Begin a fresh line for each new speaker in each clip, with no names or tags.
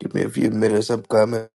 Give me a few minutes. I'm coming.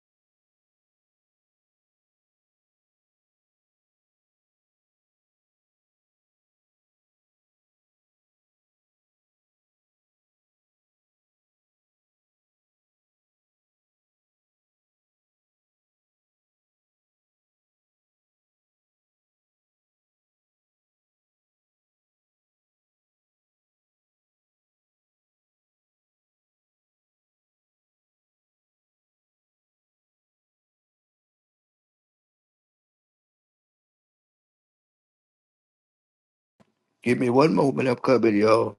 Give me one moment. I'm coming, y'all.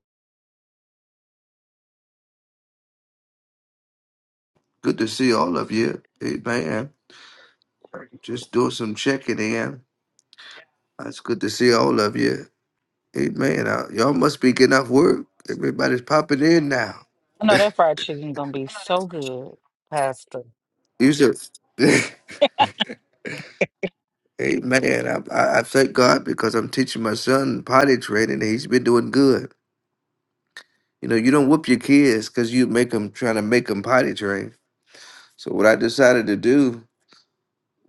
Good to see all of you. Amen. Just doing some checking in. It's good to see all of you. Amen. Uh, y'all must be getting off work. Everybody's popping in now.
I know that fried chicken gonna be so good, Pastor.
You should. Amen. I, I, I thank God because I'm teaching my son potty training and he's been doing good. You know, you don't whoop your kids because you make them trying to make them potty train. So what I decided to do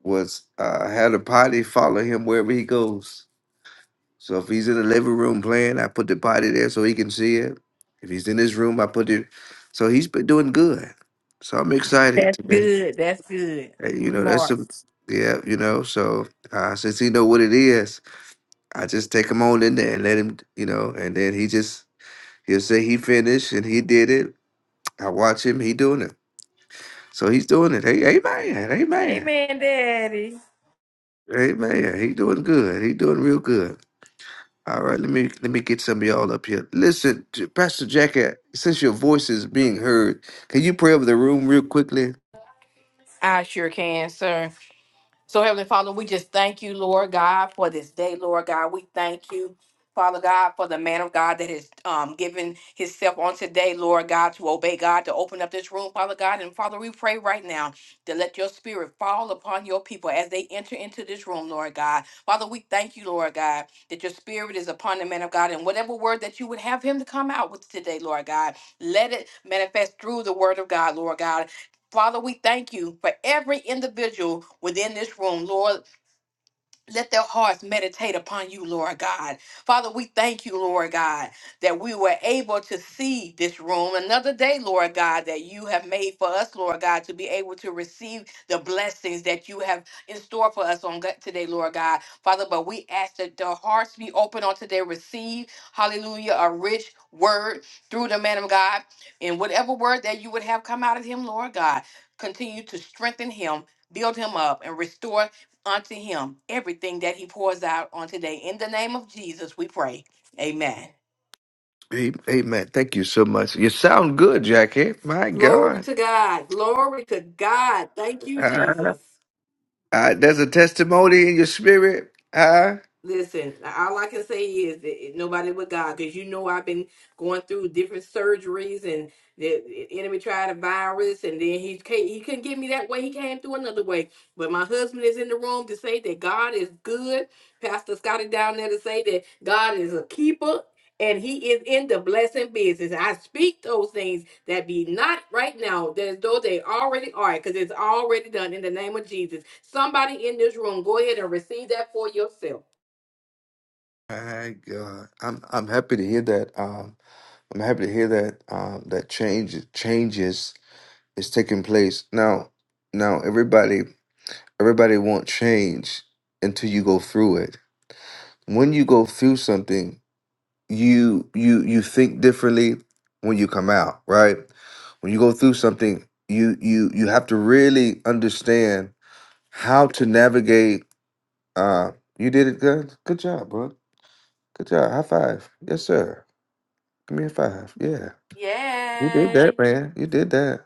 was uh, had a potty follow him wherever he goes. So if he's in the living room playing, I put the potty there so he can see it. If he's in his room, I put it. So he's been doing good. So I'm excited
That's
today.
good. That's good.
Uh, you know, that's
Smart.
a, yeah, you know. So uh, since he know what it is, I just take him on in there and let him, you know, and then he just he'll say he finished and he did it. I watch him. He doing it. So he's doing it. Hey, amen, amen,
Amen, Daddy.
amen. He doing good. He doing real good. All right, let me let me get some of y'all up here. Listen, J- Pastor Jackie, since your voice is being heard, can you pray over the room real quickly?
I sure can, sir. So, Heavenly Father, we just thank you, Lord God, for this day, Lord God. We thank you. Father God, for the man of God that has um, given himself on today, Lord God, to obey God, to open up this room, Father God. And Father, we pray right now to let your spirit fall upon your people as they enter into this room, Lord God. Father, we thank you, Lord God, that your spirit is upon the man of God. And whatever word that you would have him to come out with today, Lord God, let it manifest through the word of God, Lord God. Father, we thank you for every individual within this room, Lord. Let their hearts meditate upon you, Lord God. Father, we thank you, Lord God, that we were able to see this room another day, Lord God, that you have made for us, Lord God, to be able to receive the blessings that you have in store for us on God- today, Lord God. Father, but we ask that the hearts be open on today, receive, hallelujah, a rich word through the man of God, and whatever word that you would have come out of him, Lord God, continue to strengthen him, build him up, and restore unto him everything that he pours out on today. In the name of Jesus, we pray. Amen.
Hey, hey, man, thank you so much. You sound good, Jackie. My
Glory
God,
to God. Glory to God. Thank you,
uh,
Jesus.
uh, there's a testimony in your spirit. Uh,
Listen, all I can say is that nobody but God, because you know I've been going through different surgeries, and the the enemy tried a virus, and then he can't, he couldn't get me that way. He came through another way. But my husband is in the room to say that God is good. Pastor Scotty down there to say that God is a keeper, and He is in the blessing business. I speak those things that be not right now, that as though they already are, because it's already done in the name of Jesus. Somebody in this room, go ahead and receive that for yourself.
my God, I'm I'm happy to hear that. Um, I'm happy to hear that. Um, that change changes is taking place now. Now, everybody, everybody won't change until you go through it when you go through something you you you think differently when you come out right when you go through something you you you have to really understand how to navigate uh you did it good good job bro good job high five yes sir give me a five yeah you did that
Yay.
man you did that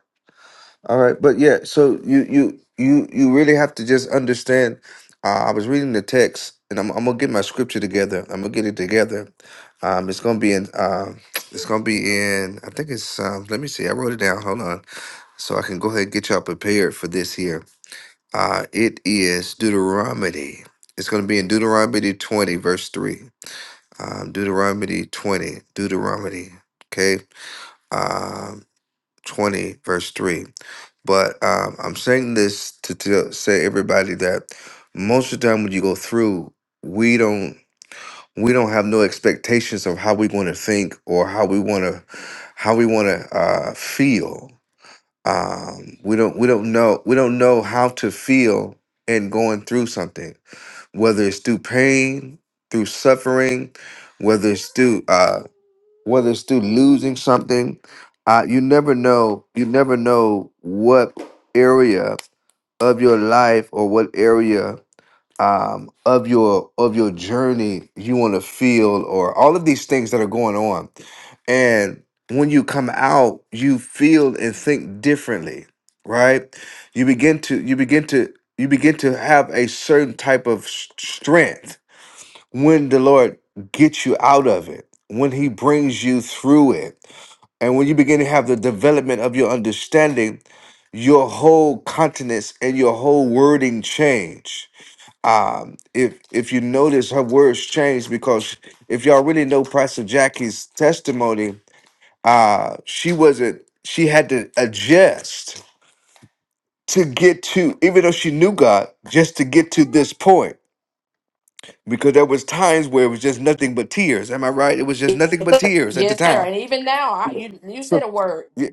All right, but yeah, so you you you you really have to just understand. Uh, I was reading the text, and I'm I'm gonna get my scripture together. I'm gonna get it together. Um, it's gonna be in. Uh, it's gonna be in. I think it's. Um, let me see. I wrote it down. Hold on, so I can go ahead and get y'all prepared for this here. Uh, it is Deuteronomy. It's gonna be in Deuteronomy 20, verse three. Um, Deuteronomy 20. Deuteronomy. Okay. Um, 20, verse 3. But um, I'm saying this to, to say everybody that most of the time when you go through, we don't we don't have no expectations of how we want to think or how we want to how we want to uh, feel. Um, we don't we don't know we don't know how to feel in going through something, whether it's through pain, through suffering, whether it's through uh, whether it's through losing something. Uh, you never know. You never know what area of your life or what area um, of your of your journey you want to feel, or all of these things that are going on. And when you come out, you feel and think differently, right? You begin to you begin to you begin to have a certain type of s- strength when the Lord gets you out of it, when He brings you through it and when you begin to have the development of your understanding, your whole continence and your whole wording change. Um, if if you notice, her words change because if y'all really know Pastor Jackie's testimony, uh, she wasn't. She had to adjust to get to, even though she knew God, just to get to this point. Because there was times where it was just nothing but tears. Am I right? It was just nothing but tears at the
Yes, sir.
time.
And even now, I, you you
So
said a word.
yeah,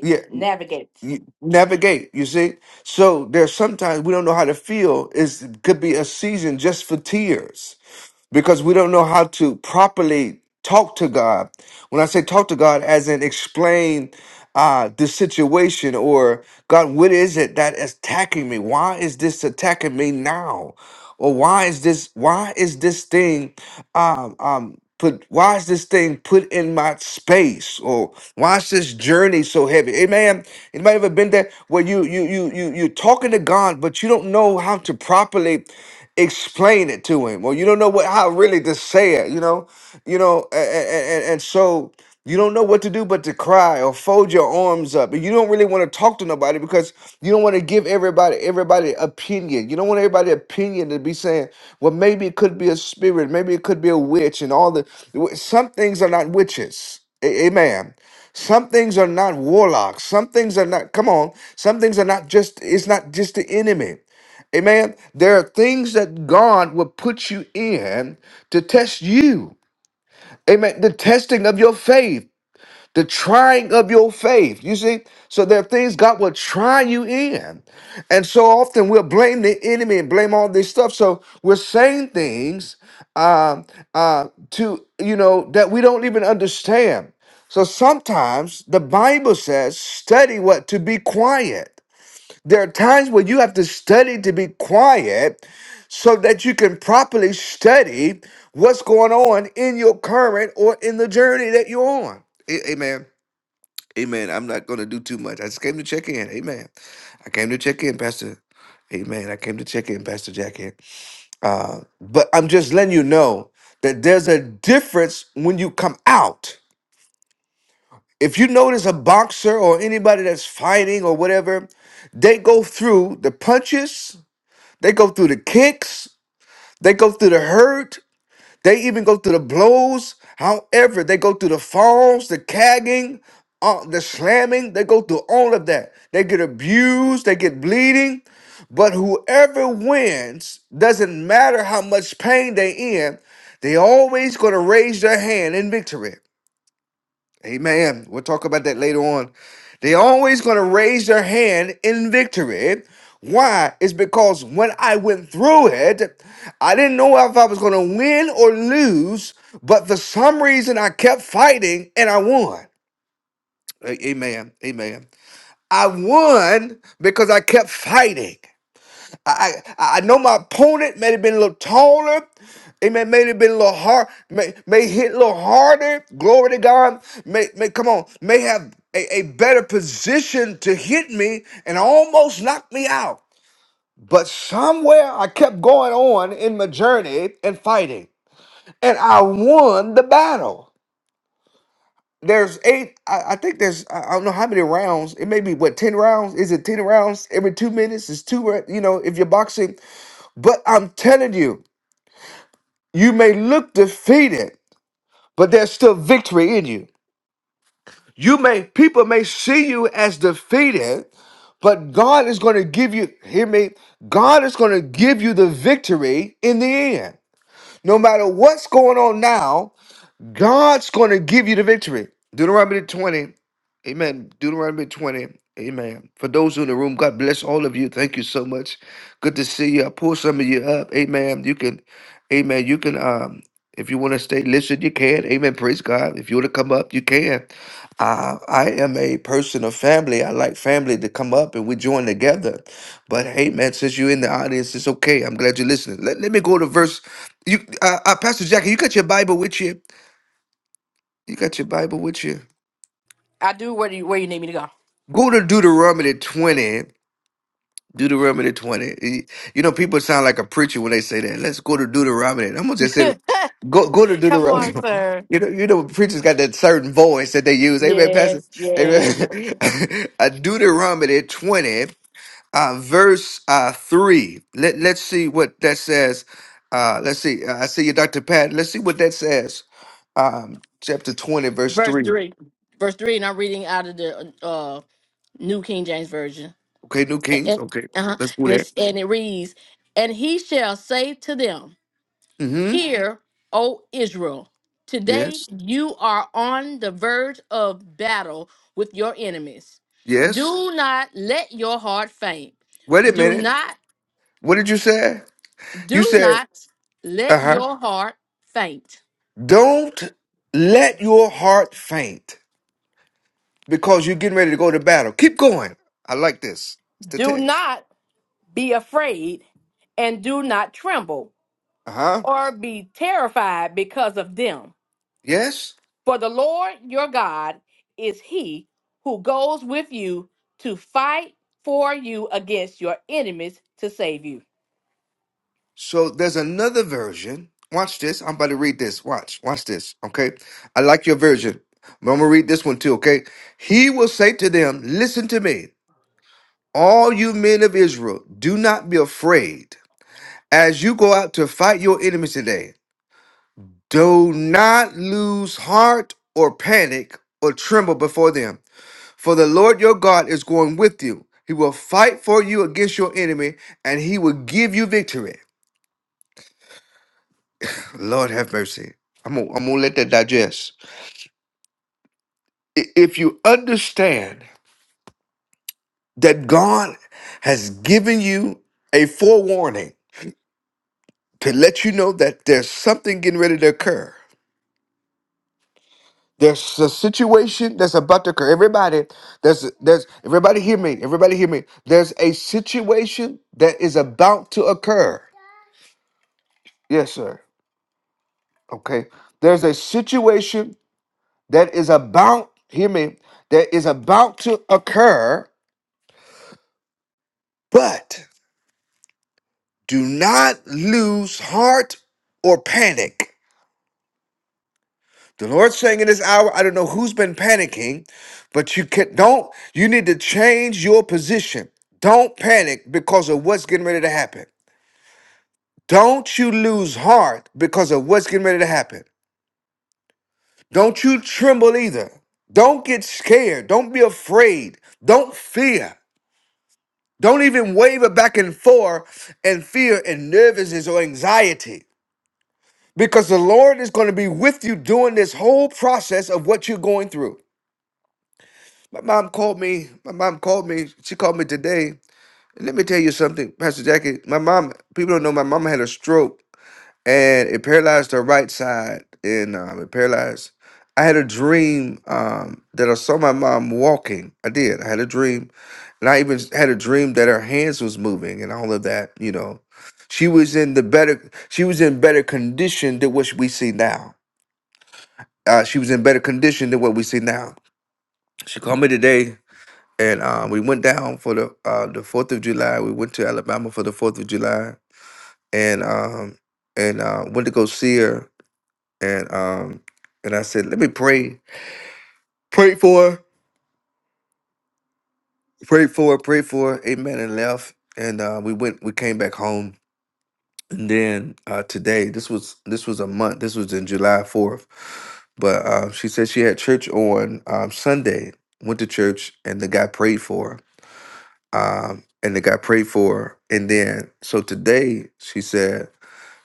yeah,
navigate.
you navigate you see so there's sometimes we don't know how to feel it could be a season just for tears because we don't know how to properly talk to God. When I say talk to God, as in explain uh, the situation or God, what is it that is attacking me? Why is this attacking me now? Or why is this? Why is this thing? Um, um, put why is this thing put in my space or why is this journey so heavy amen anybody ever been there where you you you you you're talking to god but you don't know how to properly explain it to him or you don't know what how really to say it you know you know and, and, so you don't know what to do but to cry or fold your arms up and you don't really want to talk to nobody because you don't want to give everybody everybody opinion you don't want everybody opinion to be saying well maybe it could be a spirit maybe it could be a witch and all the some things are not witches A- amen some things are not warlocks some things are not come on some things are not just it's not just the enemy Amen. There are things that God will put you in to test you. Amen. The testing of your faith, the trying of your faith. You see? So there are things God will try you in. And so often we'll blame the enemy and blame all this stuff. So we're saying things um, uh, to, you know, that we don't even understand. So sometimes the Bible says, study what? To be quiet. There are times where you have to study to be quiet so that you can properly study what's going on in your current or in the journey that you're on. A- Amen. Amen. I'm not going to do too much. I just came to check in. Amen. I came to check in, Pastor. Amen. I came to check in, Pastor Jackie. Uh, but I'm just letting you know that there's a difference when you come out. If you notice a boxer or anybody that's fighting or whatever, they go through the punches They go through the kicks, they go through the hurt, they even go through the blows. However, they go through the falls, the cagging, uh, the slamming, they go through all of that. They get abused, they get bleeding, but whoever wins, doesn't matter how much pain they in, they always going to raise their hand in victory. Amen. We'll talk about that later on. They're always going to raise their hand in victory. Why? It's because when I went through it, I didn't know if I was going to win or lose, but for some reason I kept fighting and I won. A- Amen. Amen. I won because I kept fighting. I, I I know my opponent may have been a little taller. It may, may have been a little hard, may, may hit a little harder. Glory to God. May, may come on, may have a, a better position to hit me and almost knock me out. But somewhere I kept going on in my journey and fighting. And I won the battle. There's eight, I, I think there's, I I don't know how many rounds. It may be what, 10 rounds? Is it 10 rounds every two minutes? It's two, rou- you know, if you're boxing. But I'm telling you, You may look defeated, but there's still victory in you. You may people may see you as defeated, but God is going to give you hear me. God is going to give you the victory in the end. No matter what's going on now, God's going to give you the victory. Deuteronomy 20. Amen. Deuteronomy 20. Amen. For those who in the room, God bless all of you. Thank you so much. Good to see you. I pull some of you up. Amen. You can, amen. You can, um, if you want to stay, listen, you can. Amen. Praise God. If you want to come up, you can. Uh, I am a person of family. I like family to come up and we join together. But hey, man, since you're in the audience, it's okay. I'm glad you're listening. Let, let me go to verse. You, uh, uh, Pastor Jackie, you got your Bible with you? You got your Bible with you.
I do where you where you need me to
Go to Deuteronomy 20. Deuteronomy 20. Y- You know, people sound like a preacher when they say that. Let's go to Deuteronomy. I'm gonna just say
go.
go go to
Come on,
Deuteronomy.
sir.
You know, you know, preachers got that certain voice that they use. Amen, Pastor.
Yes, yes.
Amen. uh, Deuteronomy 20, uh, verse uh, 3. Let, let's see what that says. Uh, let's see. Uh, I see you, Dr. Pat. Let's see what that says. Um, chapter 20, verse
Verse
3.
three, verse three, and I'm reading out of the uh, New King James Version.
Okay, New Kings.
And,
Okay,
uh-huh,
let's go
and, it's, and it reads, "And he shall say to them."
there.
Hear, O Israel, today
Yes.
you are on the verge of battle with your enemies.
Yes.
Do not let your heart faint.
Wait a
Do
minute.
not,
What did you say? You
do
said,
not
uh
let
huh.
your heart faint.
Don't let your heart faint because you're getting ready to go to battle. Keep going. I like this. It's the
Do
text.
not be afraid and do not tremble
Uh huh.
or be terrified because of them.
Yes.
For the Lord your God is he who goes with you to fight for you against your enemies to save you.
So there's another version. Watch this. I'm about to read this. Watch. Watch this. Okay. I like your version. But I'm going to read this one too. Okay. He will say to them, Listen to me, all you men of Israel, do not be afraid as you go out to fight your enemies today. Do not lose heart or panic or tremble before them, for the Lord your God is going with you. He will fight for you against your enemy, and he will give you victory. Lord have mercy. I'm gonna, I'm gonna let that digest. I- If you understand that God has given you a forewarning to let you know that there's something getting ready to occur, There's a situation that's about to occur. Everybody, there's there's everybody hear me. Everybody hear me. There's a situation that is about to occur. Yes, sir. Okay. There's a situation that is about, hear me, that is about to occur, but do not lose heart or panic. The Lord's saying in this hour, I don't know who's been panicking, but you can don't you need to change your position. Don't panic because of what's getting ready to happen. Don't you lose heart because of what's getting ready to happen. Don't you tremble either. Don't get scared. Don't be afraid. Don't fear. Don't even waver back and forth in fear and nervousness or anxiety. Because the Lord is going to be with you during this whole process of what you're going through. My mom called me. My mom called me. She called me today. And let me tell you something, Pastor Jackie. My mom, people don't know, my mom had a stroke and it paralyzed her right side. And um, it paralyzed. I had a dream um, that I saw my mom walking. I did. I had a dream. And I even had a dream that her hands was moving and all of that, you know. She was in the better she was in better condition than what we see now. Uh, she was in better condition than what we see now. She called me today and um, we went down for the uh, the Fourth of July. We went to Alabama for the Fourth of July, and um, and uh, went to go see her, and um, and I said, let me pray, pray for, her, pray for, her, pray for, her. Amen, and left, and uh, we went, we came back home, and then uh, today, this was this was a month, this was in July fourth, but uh, she said she had church on um, Sunday. Went to church, and the guy prayed for her um, and it got prayed for. And then so today she said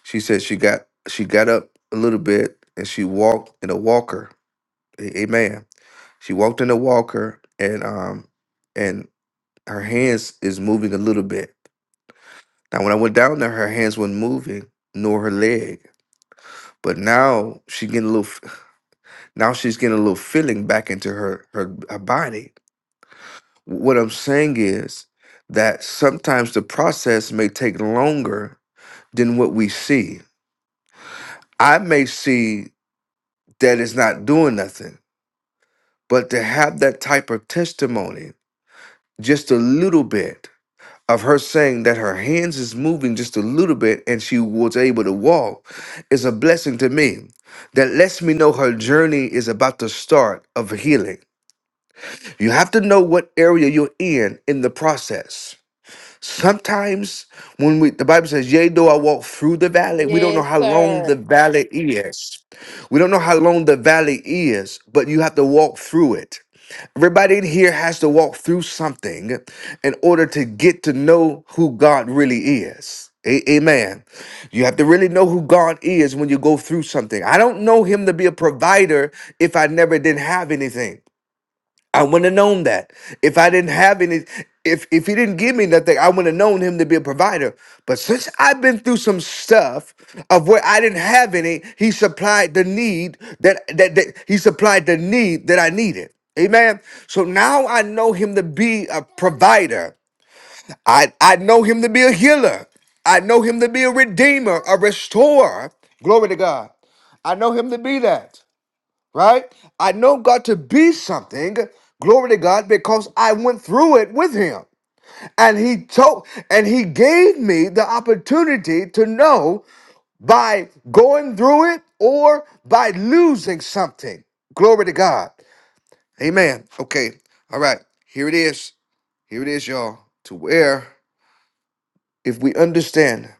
she said she got she got up a little bit and she walked in a walker. A- Amen. She walked in a walker and um and her hands is moving a little bit. Now when I went down there, her hands weren't moving nor her leg. But now she getting a little f- now she's getting a little feeling back into her her, her body. What I'm saying is that sometimes the process may take longer than what we see. I may see that it's not doing nothing, but to have that type of testimony, just a little bit of her saying that her hands is moving just a little bit and she was able to walk is a blessing to me that lets me know her journey is about to start of healing. You have to know what area you're in in the process. Sometimes when we the Bible says, Yea, though I walk through the valley, we don't know
Yes,
how long the
sir.
valley is. We don't know how long the valley is, but you have to walk through it. Everybody in here has to walk through something in order to get to know who God really is. A- Amen. You have to really know who God is when you go through something. I don't know Him to be a provider if I never didn't have anything. I wouldn't have known that. If I didn't have any, if if he didn't give me nothing, I wouldn't have known him to be a provider. But since I've been through some stuff of where I didn't have any, he supplied the need that that, that he supplied the need that I needed. Amen. So now I know him to be a provider. I, I know him to be a healer. I know him to be a redeemer, a restorer. Glory to God. I know him to be that right? I know God to be something, glory to God, because I went through it with him. And he told and he gave me the opportunity to know by going through it or by losing something. Glory to God. Amen. Okay. All right. Here it is. Here it is, y'all. To where if we understand,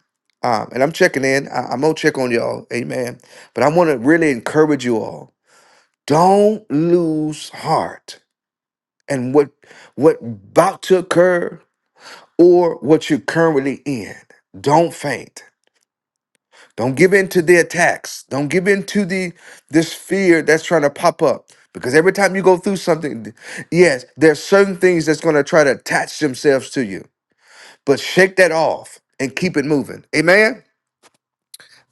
um, and I'm checking in, I, I'm gonna check on y'all, amen. But I want to really encourage you all. Don't lose heart and what what about to occur or what you're currently in. Don't faint. Don't give in to the attacks. Don't give in to the this fear that's trying to pop up. Because every time you go through something, th- yes, there's certain things that's going to try to attach themselves to you. But shake that off and keep it moving. Amen.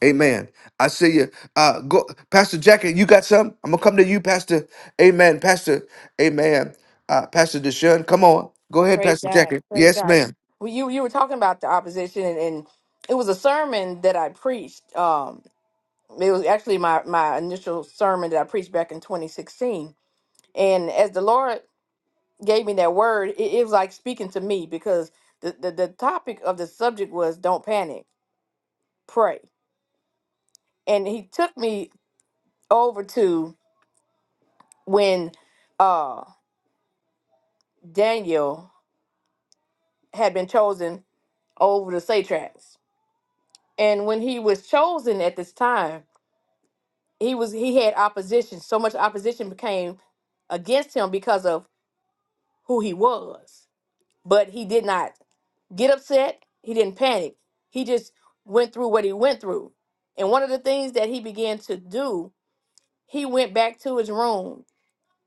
Amen. I see you. Uh, go, Pastor Jackie. You got some? I'm gonna come to you, Pastor. Amen, Pastor. Amen. Uh, Pastor Deshaun, come on. Go ahead,
Praise
Pastor
God.
Jackie.
Praise
Yes,
God.
ma'am.
Well, you you were talking about the opposition, and, and it was a sermon that I preached. Um, it was actually my my initial sermon that I preached back in 2016. And as the Lord gave me that word, it, it was like speaking to me because the, the the topic of the subject was don't panic, pray and he took me over to when uh Daniel had been chosen over the satraps. And when he was chosen at this time, he was he had opposition. So much opposition became against him because of who he was. But he did not get upset. He didn't panic. He just went through what he went through. And one of the things that he began to do, he went back to his room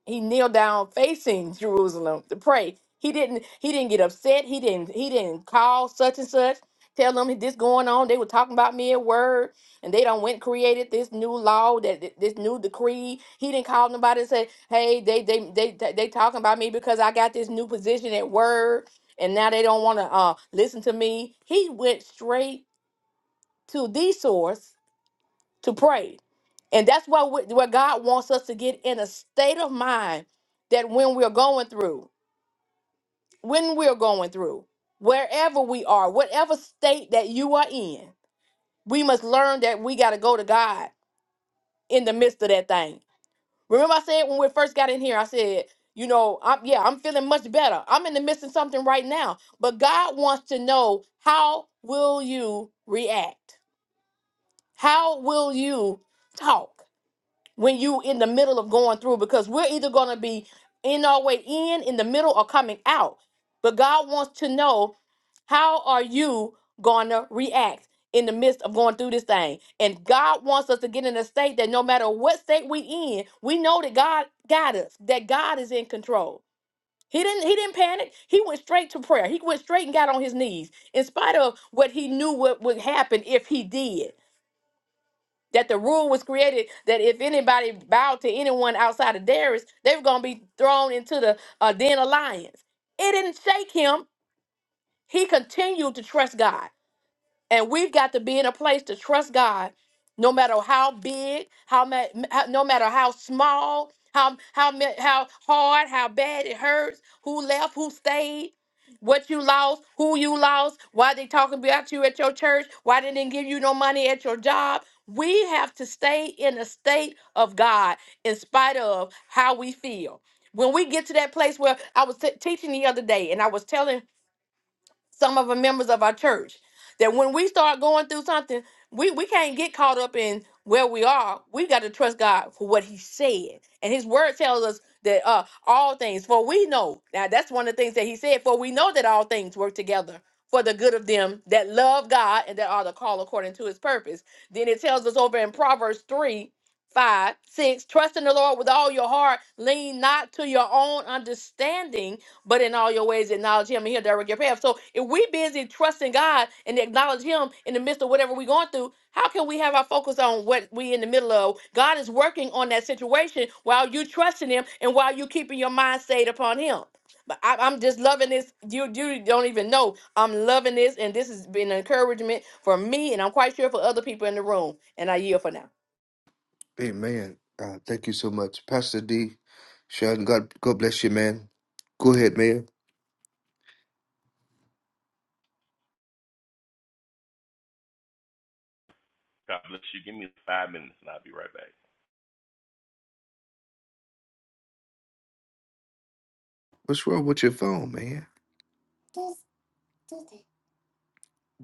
he kneeled down facing Jerusalem to pray. He didn't he didn't get upset. He didn't he didn't call such and such, tell them this going on. They were talking about me at word, and they don't went and created this new law that that- this new decree. He didn't call nobody and say, hey, they they they they, they talking about me because I got this new position at word, and now they don't want to uh listen to me. He went straight to the source to pray. And that's why we- where God wants us to get in a state of mind that when we're going through, when we're going through, wherever we are, whatever state that you are in, we must learn that we got to go to God in the midst of that thing. Remember, I said when we first got in here, I said, you know, I'm, yeah, I'm feeling much better. I'm in the midst of something right now. But God wants to know how will you react? How will you talk? when you in the middle of going through because we're either going to be in our way in in the middle or coming out but god wants to know how are you going to react in the midst of going through this thing and god wants us to get in a state that no matter what state we in we know that god got us that god is in control he didn't he didn't panic he went straight to prayer he went straight and got on his knees in spite of what he knew what would happen if he did that the rule was created that if anybody bowed to anyone outside of Darius, they were going to be thrown into the uh, den of lions. It didn't shake him. He continued to trust God. And we've got to be in a place to trust God, no matter how big, how, ma- how no matter how small, how how ma- how hard, how bad it hurts, who left, who stayed, what you lost, who you lost, why they talking about you at your church, why they didn't give you no money at your job. We have to stay in a state of God in spite of how we feel. When we get to that place where I was t- teaching the other day, and I was telling some of the members of our church that when we start going through something we, we can't get caught up in where we are we got to trust god for what he said and his word tells us that uh all things for we know now that's one of the things that he said for we know that all things work together for the good of them that love god and that are the call according to his purpose then it tells us over in proverbs three, five, six: 5 trust in the lord with all your heart lean not to your own understanding but in all your ways acknowledge him and he'll direct your path. So if we busy trusting God and acknowledge him in the midst of whatever we're going through, how can we have our focus on what we in the middle of? God is working on that situation while you trusting him and while you keeping your mind stayed upon him. But I, I'm just loving this. You you don't even know. I'm loving this, and this has been an encouragement for me, and I'm quite sure for other people in the room. And I yield for now.
Amen. Uh, thank you so much, Pastor D. Sean. God, God bless you, man. Go ahead, man.
God bless you. Give me five minutes and I'll be right back.
What's wrong with your phone, man?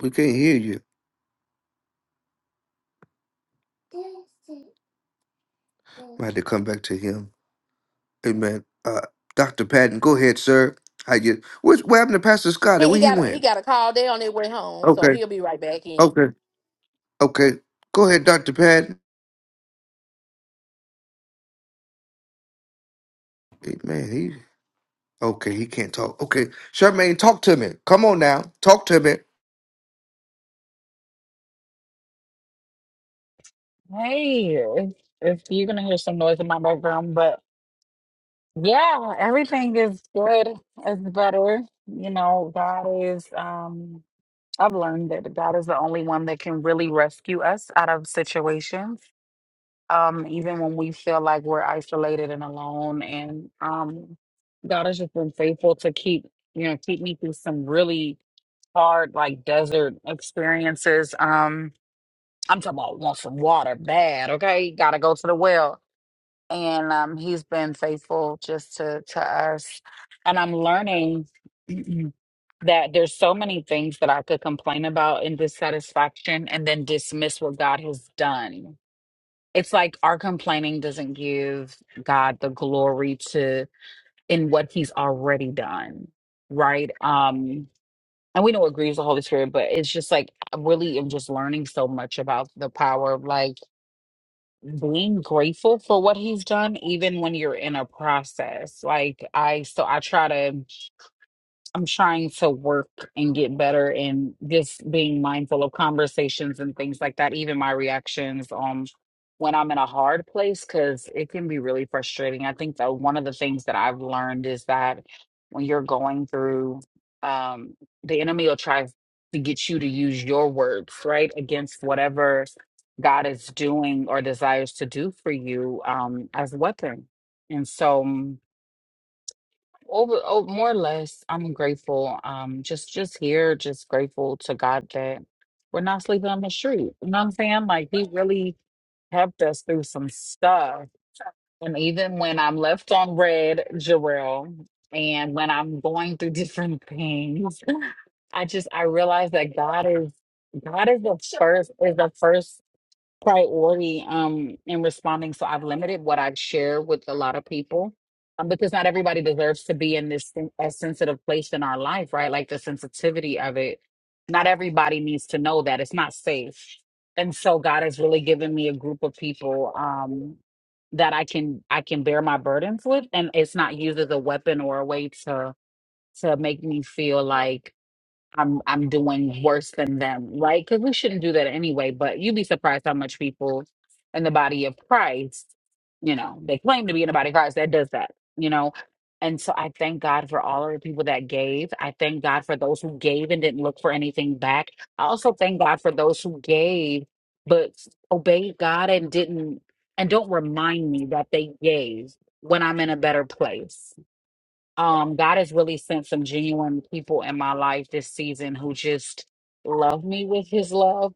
We can't hear you. I had to come back to him. Amen. Uh, Doctor Patton, go ahead, sir. How you? What's, what happened to Pastor Scott?
He,
Where
he
he
got a, he
went?
got a call. They on their way home, so
Okay.
he'll be right back in.
Okay. Okay. Go ahead, Doctor Patton. Hey, man, he okay. He can't talk. Okay, Charmaine, talk to me. Come on now, talk to me.
Hey, if, if you're gonna hear some noise in my background, but yeah, everything is good. It's better. You know, God is. Um, I've learned that God is the only one that can really rescue us out of situations. Um, even when we feel like we're isolated and alone, and um, God has just been faithful to keep you know keep me through some really hard like desert experiences. Um I'm talking about want some water bad, okay? Gotta go to the well. And um, he's been faithful just to to us. And I'm learning that there's so many things that I could complain about in dissatisfaction and then dismiss what God has done. It's like our complaining doesn't give God the glory to in what he's already done, right? Um and we know it grieves the Holy Spirit, but it's just like I really am just learning so much about the power of like being grateful for what he's done even when you're in a process like i so i try to I'm trying to work and get better and just being mindful of conversations and things like that, even my reactions um when I'm in a hard place, because it can be really frustrating. I think that one of the things that I've learned is that when you're going through um the enemy will try to get you to use your words, right? Against whatever God is doing or desires to do for you um as a weapon. And so mm, over, oh, more or less, I'm grateful. Um, just, just here, just grateful to God that we're not sleeping on the street. You know what I'm saying? Like He really helped us through some stuff. And even when I'm left on red, Jarrell, and when I'm going through different things, I just I realize that God is God is the first is the first priority um in responding so i've limited what i share with a lot of people um, because not everybody deserves to be in this sen- a sensitive place in our life right like the sensitivity of it not everybody needs to know that it's not safe and so god has really given me a group of people um that i can i can bear my burdens with and it's not used as a weapon or a way to to make me feel like I'm I'm doing worse than them, right? Because we shouldn't do that anyway. But you'd be surprised how much people in the body of Christ, you know, they claim to be in the body of Christ that does that, you know. And so I thank God for all of the people that gave. I thank God for those who gave and didn't look for anything back. I also thank God for those who gave but obeyed God and didn't and don't remind me that they gave when I'm in a better place um god has really sent some genuine people in my life this season who just love me with his love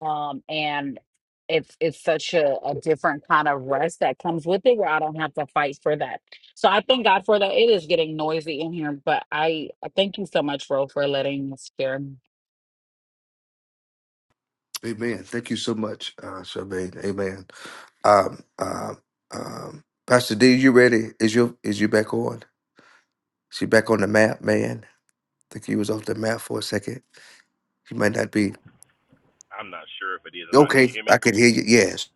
um and it's it's such a, a different kind of rest that comes with it where i don't have to fight for that so i thank god for that it is getting noisy in here but i, I thank you so much Ro, for letting us share
Amen. Thank you so much, uh, Charmaine. Amen. Um, um, um, Pastor D, you ready? Is your is you back on? She back on the map, man. I think you was off the map for a second. She might not be.
I'm not sure if it is or not. Can
Okay,
you hear
I
me?
can hear you. Yes.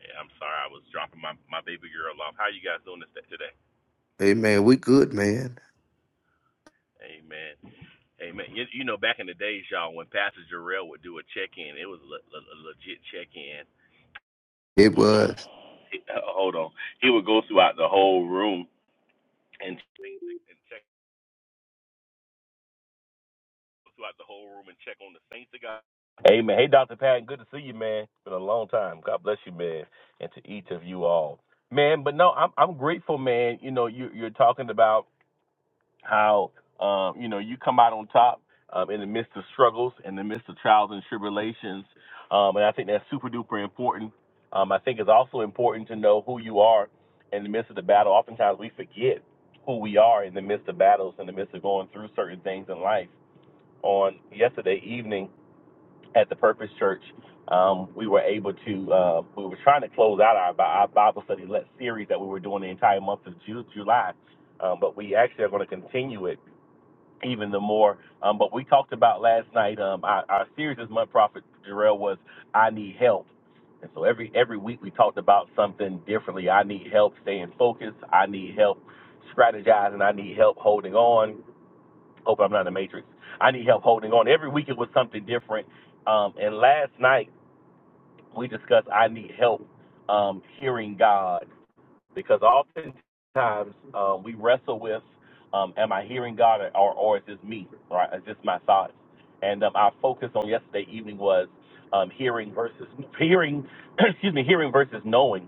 Yeah, I'm sorry. I was dropping my, my baby girl off. How you guys doing this today?
Amen. We good, man.
Amen. Amen. You, you know, back in the days, y'all, when Pastor Jarrell would do a check in, it was a, le- a legit check in.
It was,
Hold on. He would go throughout the whole room and check throughout the whole room and check on the saints of God. Amen. Hey, Dr. Patton, good to see you, man. It's Been a long time. God bless you, man, and to each of you all, man. But no, I'm I'm grateful, man. You know, you you're talking about how um you know you come out on top um in the midst of struggles, in the midst of trials and tribulations, um, and I think that's super duper important. Um, I think it's also important to know who you are in the midst of the battle. Oftentimes we forget who we are in the midst of battles, in the midst of going through certain things in life on yesterday evening at the Purpose Church. Um, we were able to, uh, we were trying to close out our, our Bible study let series that we were doing the entire month of Ju- July, um, but we actually are going to continue it even the more. Um, but we talked about last night, um, our, our series this month, Prophet Jarrell, was I Need Help. And so every every week we talked about something differently. I need help staying focused. I need help strategizing. I need help holding on. Hope I'm not in the matrix. I need help holding on. Every week it was something different. Um, and last night we discussed I need help um, hearing God because oftentimes um, we wrestle with um, am I hearing God or, or, or is this me? Right? Is this my thoughts? And um, our focus on yesterday evening was um, hearing versus hearing. excuse me, hearing versus knowing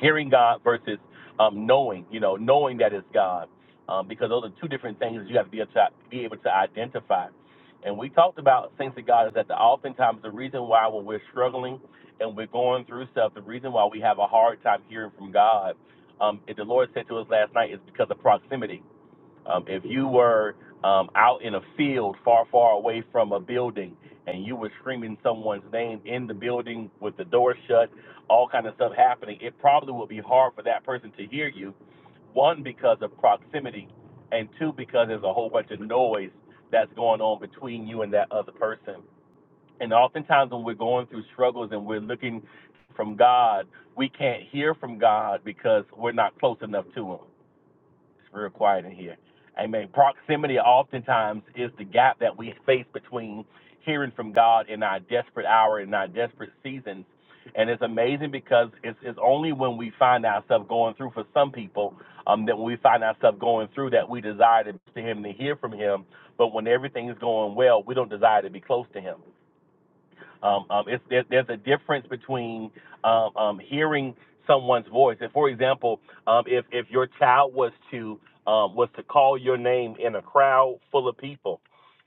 hearing God versus um, knowing, you know, knowing that it's God, um, because those are two different things that you have to be able to, be able to identify. And we talked about things of God is that the, oftentimes the reason why when we're struggling and we're going through stuff, the reason why we have a hard time hearing from God, um, if the Lord said to us last night, is because of proximity um, if you were um, out in a field far, far away from a building and you were screaming someone's name in the building with the door shut, all kind of stuff happening, it probably would be hard for that person to hear you. One, because of proximity, and two, because there's a whole bunch of noise that's going on between you and that other person. And oftentimes, when we're going through struggles and we're looking from God, we can't hear from God because we're not close enough to Him it's real quiet in here. Amen. Proximity oftentimes is the gap that we face between hearing from God in our desperate hour, in our desperate seasons. And it's amazing because it's, it's only when we find ourselves going through, for some people, um, that when we find ourselves going through that we desire to, to Him, to hear from Him. But when everything is going well, we don't desire to be close to Him. Um, um, it's, there, there's a difference between um, um, hearing someone's voice. And for example, um, if if your child was to um, was to call your name in a crowd full of people,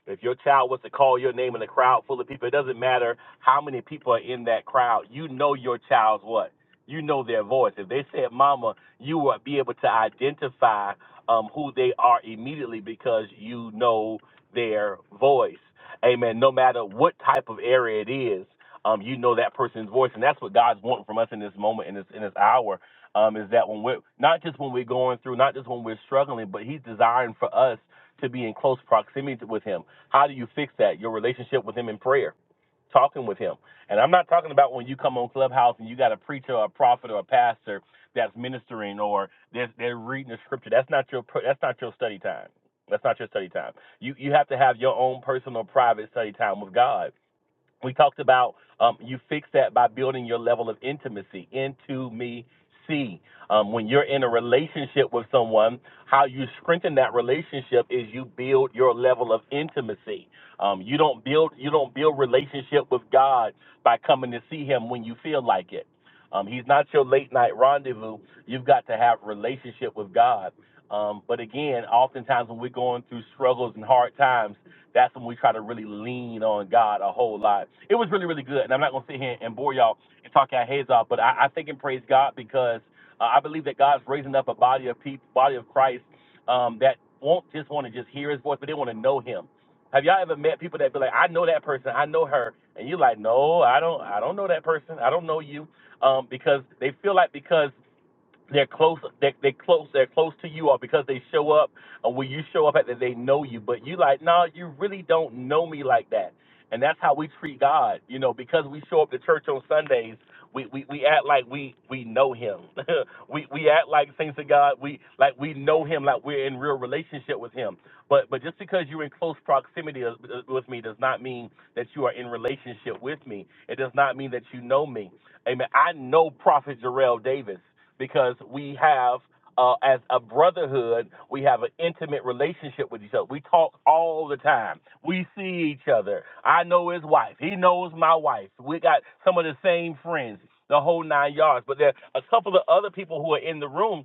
if your child was to call your name in a crowd full of people, it doesn't matter how many people are in that crowd. You know your child's what. You know their voice. If they said "mama," you will be able to identify um, who they are immediately because you know their voice. Amen. No matter what type of area it is, um, you know that person's voice, and that's what God's wanting from us in this moment, in this in this hour, um, is that when we're not just when we're going through, not just when we're struggling, but He's desiring for us to be in close proximity to- with Him. How do you fix that? Your relationship with Him in prayer, talking with Him. And I'm not talking about when you come on Clubhouse and you got a preacher, or a prophet, or a pastor that's ministering, or they're, they're reading the scripture. That's not your pr- that's not your study time. That's not your study time. You you have to have your own personal private study time with God. We talked about um, you fix that by building your level of intimacy into me. See, um, when you're in a relationship with someone, how you strengthen that relationship is you build your level of intimacy. Um, you don't build you don't build relationship with God by coming to see Him when you feel like it. Um, he's not your late night rendezvous. You've got to have relationship with God. Um, but again, oftentimes when we're going through struggles and hard times that's when we try to really lean on God a whole lot. It was really, really good. And I'm not going to sit here and bore y'all and talk out heads off, but I, I think and praise God because uh, I believe that God's raising up a body of people, body of Christ um, that won't just want to just hear his voice, but they want to know him. Have y'all ever met people that be like, I know that person, I know her, and you're like, no, I don't, I don't know that person, I don't know you, um, because they feel like because they're close they they close they're close to you or because they show up or when you show up at that they know you but you like no you really don't know me like that and that's how we treat god you know because we show up to church on sundays we we, we act like we we know him we we act like saints of god we like we know him like we're in real relationship with him but but just because you're in close proximity of- uh, with me does not mean that you are in relationship with me it does not mean that you know me amen i know prophet jarrell davis because we have uh, as a brotherhood, we have an intimate relationship with each other. We talk all the time. We see each other. I know his wife. He knows my wife. We got some of the same friends, the whole nine yards. But there are a couple of other people who are in the room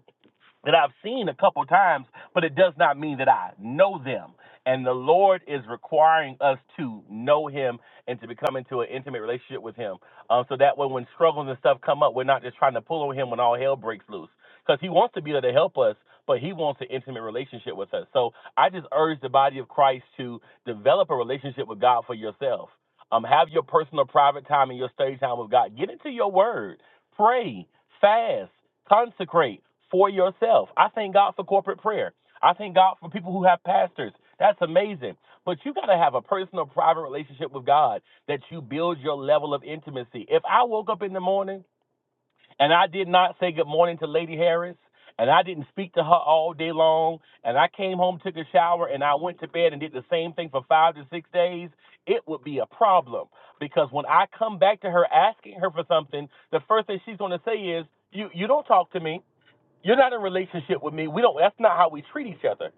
that I've seen a couple times, but it does not mean that I know them. And the Lord is requiring us to know Him and to become into an intimate relationship with Him, um, so that when when struggles and stuff come up, we're not just trying to pull on Him when all hell breaks loose, because He wants to be there to help us, but He wants an intimate relationship with us. So I just urge the body of Christ to develop a relationship with God for yourself. Um, have your personal private time and your study time with God. Get into your Word Pray, fast, consecrate for yourself. I thank God for corporate prayer. I thank God for people who have pastors. That's amazing. But you got to have a personal, private relationship with God that you build your level of intimacy. If I woke up in the morning and I did not say good morning to Lady Harris. And I didn't speak to her all day long. And I came home, took a shower, and I went to bed and did the same thing for five to six days. It would be a problem because when I come back to her asking her for something, the first thing she's going to say is, "You you don't talk to me." You're not in relationship with me. We don't. That's not how we treat each other.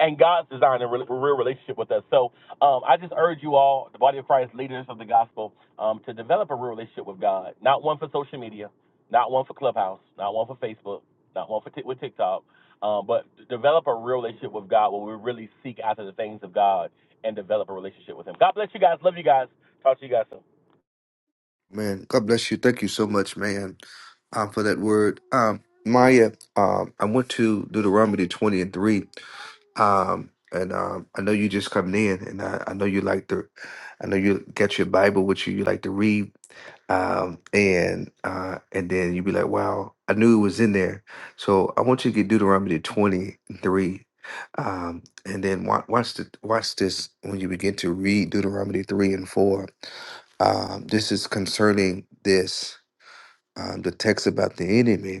And God's designed a real relationship with us. So um, I just urge you all, the body of Christ, leaders of the gospel, um, to develop a real relationship with God. Not one for social media, not one for Clubhouse, not one for Facebook, not one for Tik with TikTok, um, but develop a real relationship with God where we really seek after the things of God and develop a relationship with Him. God bless you guys. Love you guys. Talk to you guys soon.
man. God bless you. Thank you so much, man, um, for that word. Um, Maya, um, I went to Deuteronomy twenty and three. Um, and um, I know you just coming in, and I, I know you like to, I know you got your Bible with you. You like to read, um, and uh, and then you be like, "Wow, I knew it was in there." So I want you to get Deuteronomy twenty three, um, and then watch, watch the watch this when you begin to read Deuteronomy three and four. Um, this is concerning this um, the text about the enemy,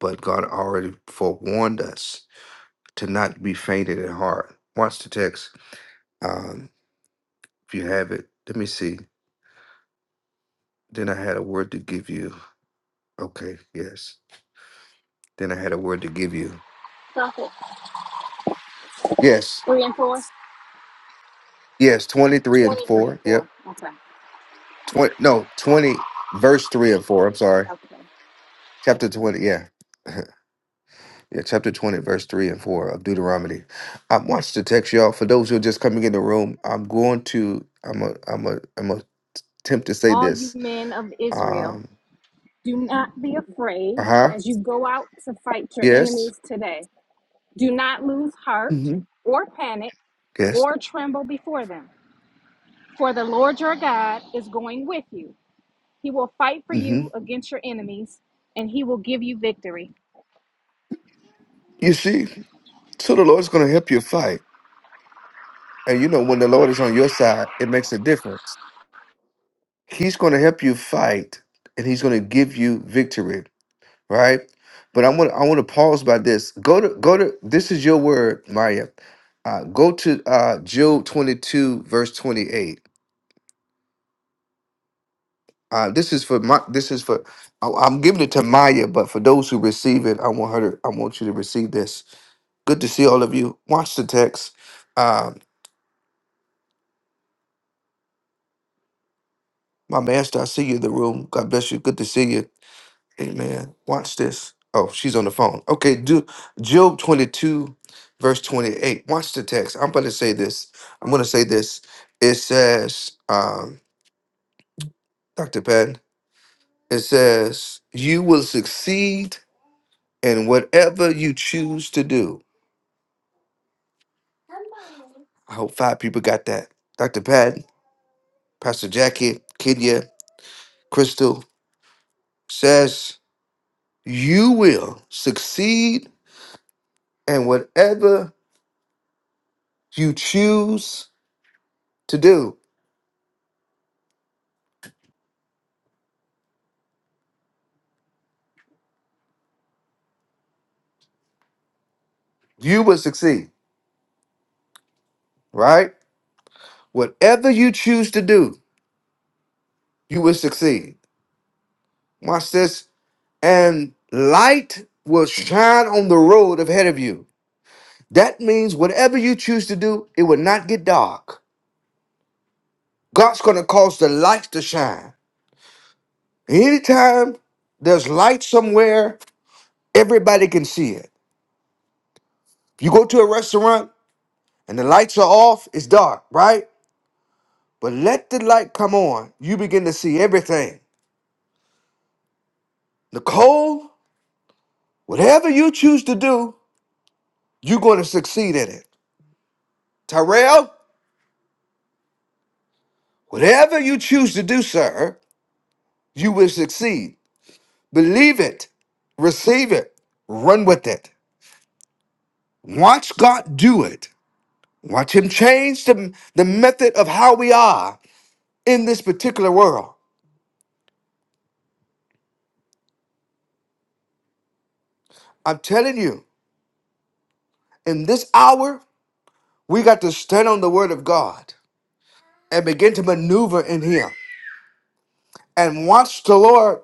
but God already forewarned us to not be fainted at heart. Watch the text. Um, if you have it, let me see. Then I had a word to give you. Okay, yes. Then I had a word to give you.
Prophet.
Yes,
Three and four?
yes. Twenty-three and
Twenty-three
four.
and four.
Yep.
Okay.
Twenty. No, twenty. Verse three and four. I'm sorry.
Okay.
Chapter twenty. Yeah. Yeah, chapter 20, verse 3 and 4 of Deuteronomy. I'm watching the text, y'all. For those who are just coming in the room, I'm going to, I'm a, I'm a, I'm a attempt to say
All you
this.
men of Israel,
Um,
do not be afraid
uh huh.
as you go out to fight your
Yes.
enemies today. Do not lose heart
Mm-hmm.
or panic
Yes.
or tremble before them. For the Lord your God is going with you. He will fight for
hmm
you against your enemies and he will give you victory.
You see, so the Lord's going to help you fight. And you know, when the Lord is on your side, it makes a difference. He's going to help you fight and he's going to give you victory, right? But I want I want to pause by this. Go to go to this is your word, Maya. Uh, go to uh Job 22 verse 28. Uh, this is for my this is for I, I'm giving it to Maya, but for those who receive it, I want her to I want you to receive this. Good to see all of you. Watch the text. Uh, My master, I see you in the room. God bless you. Good to see you. Amen. Watch this. Oh, she's on the phone. Okay, do Job 22, verse 28. Watch the text. I'm going to say this. I'm going to say this. It says, um, Dr. Patton, it says, You will succeed in whatever you choose to do. I hope five people got that. Dr. Patton, Pastor Jackie, Kenya, Crystal says, You will succeed in whatever you choose to do, you will succeed, right? Whatever you choose to do, you will succeed. Watch this. And light will shine on the road ahead of you. That means whatever you choose to do, it will not get dark. God's going to cause the lights to shine. Anytime there's light somewhere, everybody can see it. you go to a restaurant and the lights are off, it's dark, right? But let the light come on, you begin to see everything. Nicole, whatever you choose to do, you're going to succeed in it. Tyrell, whatever you choose to do, sir, you will succeed. Believe it, receive it, run with it. Watch God do it. Watch Him change the, the method of how we are in this particular world. I'm telling you, in this hour, we got to stand on the Word of God and begin to maneuver in Him. and watch the Lord.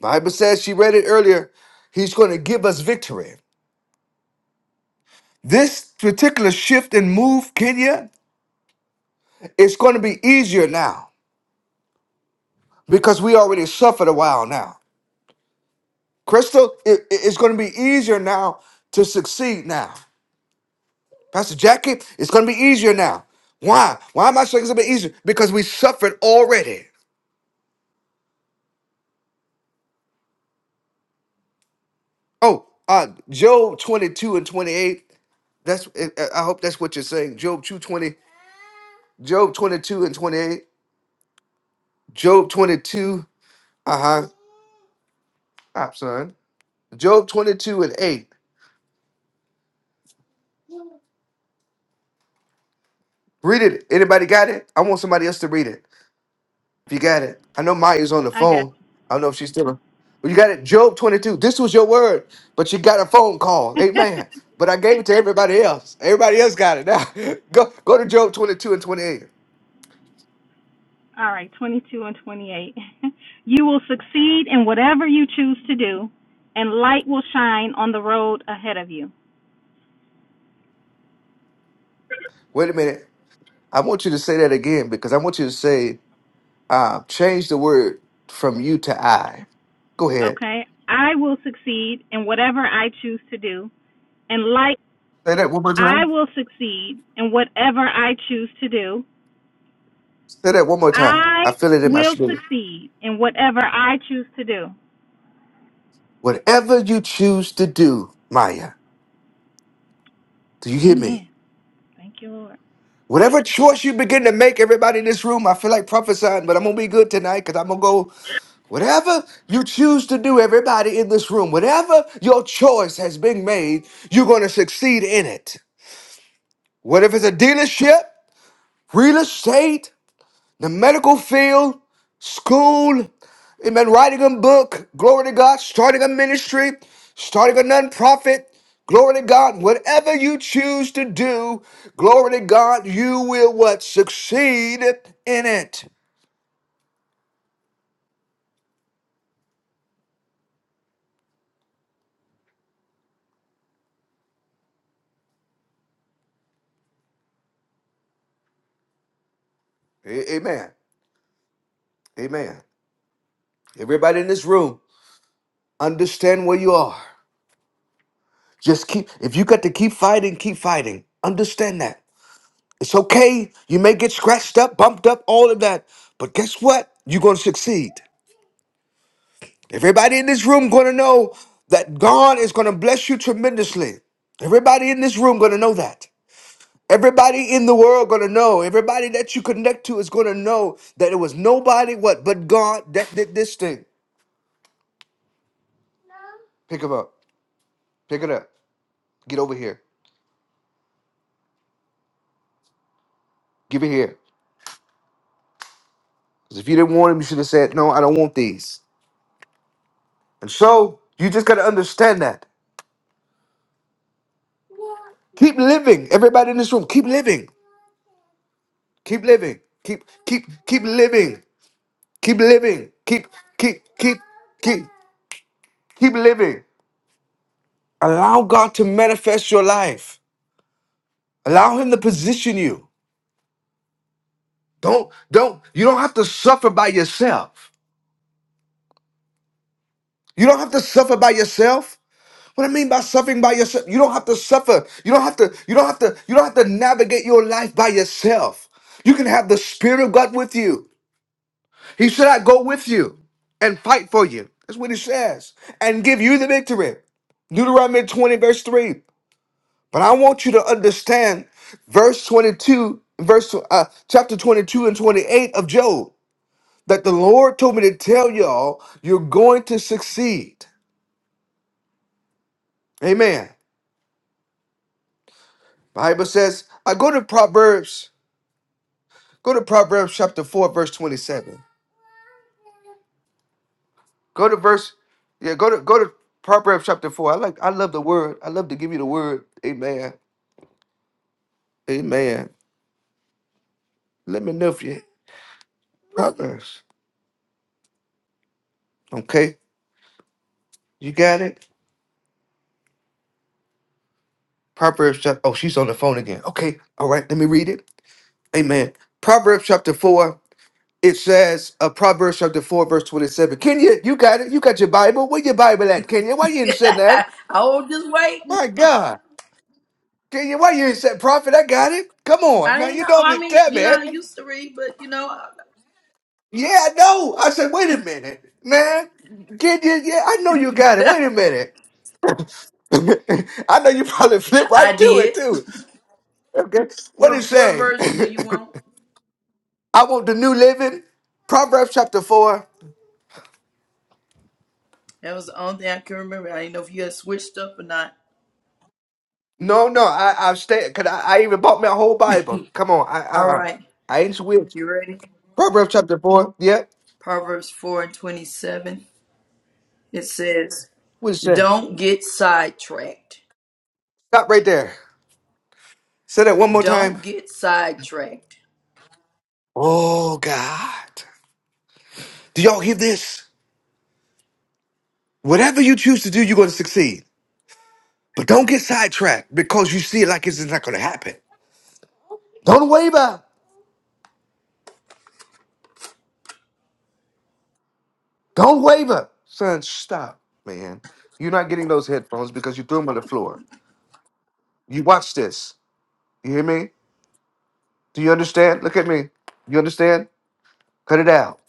Bible says she read it earlier. He's going to give us victory. This particular shift and move, Kenya, it's going to be easier now because we already suffered a while now. Crystal, it- it- it's going to be easier now to succeed now. Pastor Jackie, it's going to be easier now. Why? Why am I saying it's going to be easier? Because we suffered already. Oh, uh, Job 22 and 28. That's. I I hope that's what you're saying. Job 220, Job 22 and 28. Job 22. Uh huh. Stop, son. Job 22 and 8. Read it. Anybody got it? I want somebody else to read it. If you got it, I know Maya's on the
I got
phone. I don't know if she's still on. But you got it. Job 22. This was your word, but you got a phone call. Amen. But I gave it to everybody else. Everybody else got it now. go go to Job 22 and 28.
All right, 22 and 28. you will succeed in whatever you choose to do, and light will shine on the road ahead of you.
Wait a minute. I want you to say that again because I want you to say, uh, change the word from you to I. Go ahead.
Okay? I will succeed in whatever I choose to do, and light
Say that one more time.
I will succeed in whatever I choose to do.
Say that one more time.
I
I feel it in my
will
spirit.
succeed in whatever I choose to do.
Whatever you choose to do, Maya, do you hear me?
Amen. Thank you, Lord.
Whatever choice you begin to make, everybody in this room, I feel like prophesying, but I'm gonna be good tonight because I'm gonna go. Whatever you choose to do, everybody in this room, whatever your choice has been made, you're gonna succeed in it. What if it's a dealership, real estate, the medical field, school, amen, writing a book, glory to God, starting a ministry, starting a nonprofit, glory to God, whatever you choose to do, glory to God, you will what? Succeed in it. A- amen. Amen. Everybody in this room, understand where you are. Just keep, if you got to keep fighting, keep fighting. Understand that. It's okay. You may get scratched up, bumped up, all of that. But guess what? You're going to succeed. Everybody in this room gonna know that God is gonna bless you tremendously. Everybody in this room gonna know that. Everybody in the world gonna know. Everybody that you connect to is gonna know that it was nobody what but God that did this thing. Pick him up. Pick it up. Get over here. Give it here. Because if you didn't want him, you should have said, No, I don't want these. And so you just gotta understand that. Keep living. Everybody in this room, keep living. Keep living. Keep keep keep living. Keep living. Keep keep keep keep keep living. Allow God to manifest your life. Allow him to position you. Don't don't you don't have to suffer by yourself. You don't have to suffer by yourself. What I mean by suffering by yourself, you don't have to suffer. You don't have to you don't have to you don't have to navigate your life by yourself. You can have the spirit of God with you. He said I go with you and fight for you. That's what he says. And give you the victory. Deuteronomy 20, verse 3. But I want you to understand verse 22, verse uh, chapter 22 and 28 of Job that the Lord told me to tell y'all you're going to succeed. Amen. Bible says, I go to Proverbs, go to Proverbs chapter 4 verse 27. Go to verse yeah, go to go to Proverbs chapter 4. I like I love the word. I love to give you the word. Amen. Amen. Let me know if you Proverbs. Okay? You got it? Proverbs chapter. Oh, she's on the phone again. Okay, all right. Let me read it. Amen. Proverbs chapter four. It says, uh, Proverbs chapter four, verse twenty-seven. Kenya, you got it. You got your Bible. Where your Bible at, Kenya? Why you ain't said that?
I was just waiting.
My God, Kenya, why you ain't said prophet? I got it. Come on,
I
now
ain't
you
know. I
normally
mean,
tell
you
me.
know, I used to read, but you know,
Yeah, I know. I said, wait a minute, man. Kenya, yeah, I know you got it.
I,
Wait a minute. I know you probably flip
I
right to it
did.
too. Okay, what it
What what
say?
version do you want?
I want the new living. Proverbs chapter four.
That was the only thing I can remember. I didn't know if you had switched up or not.
No, no, I I stay because I, I even bought me a whole Bible. Come on, I I
All
I,
right,
I ain't switch.
you ready?
Proverbs chapter four. Yeah,
Proverbs four and twenty seven. It says,
what it say?
"Don't get sidetracked.
Stop right there. Say that one more time.
Don't get sidetracked."
Oh God, do y'all hear this? Whatever you choose to do, you're going to succeed. But don't get sidetracked because you see it like it's not going to happen. Don't waver. Don't waver, son. Stop, man. You're not getting those headphones because you threw them on the floor. You watch this. You hear me? Do you understand? Look at me. You understand? Cut it out.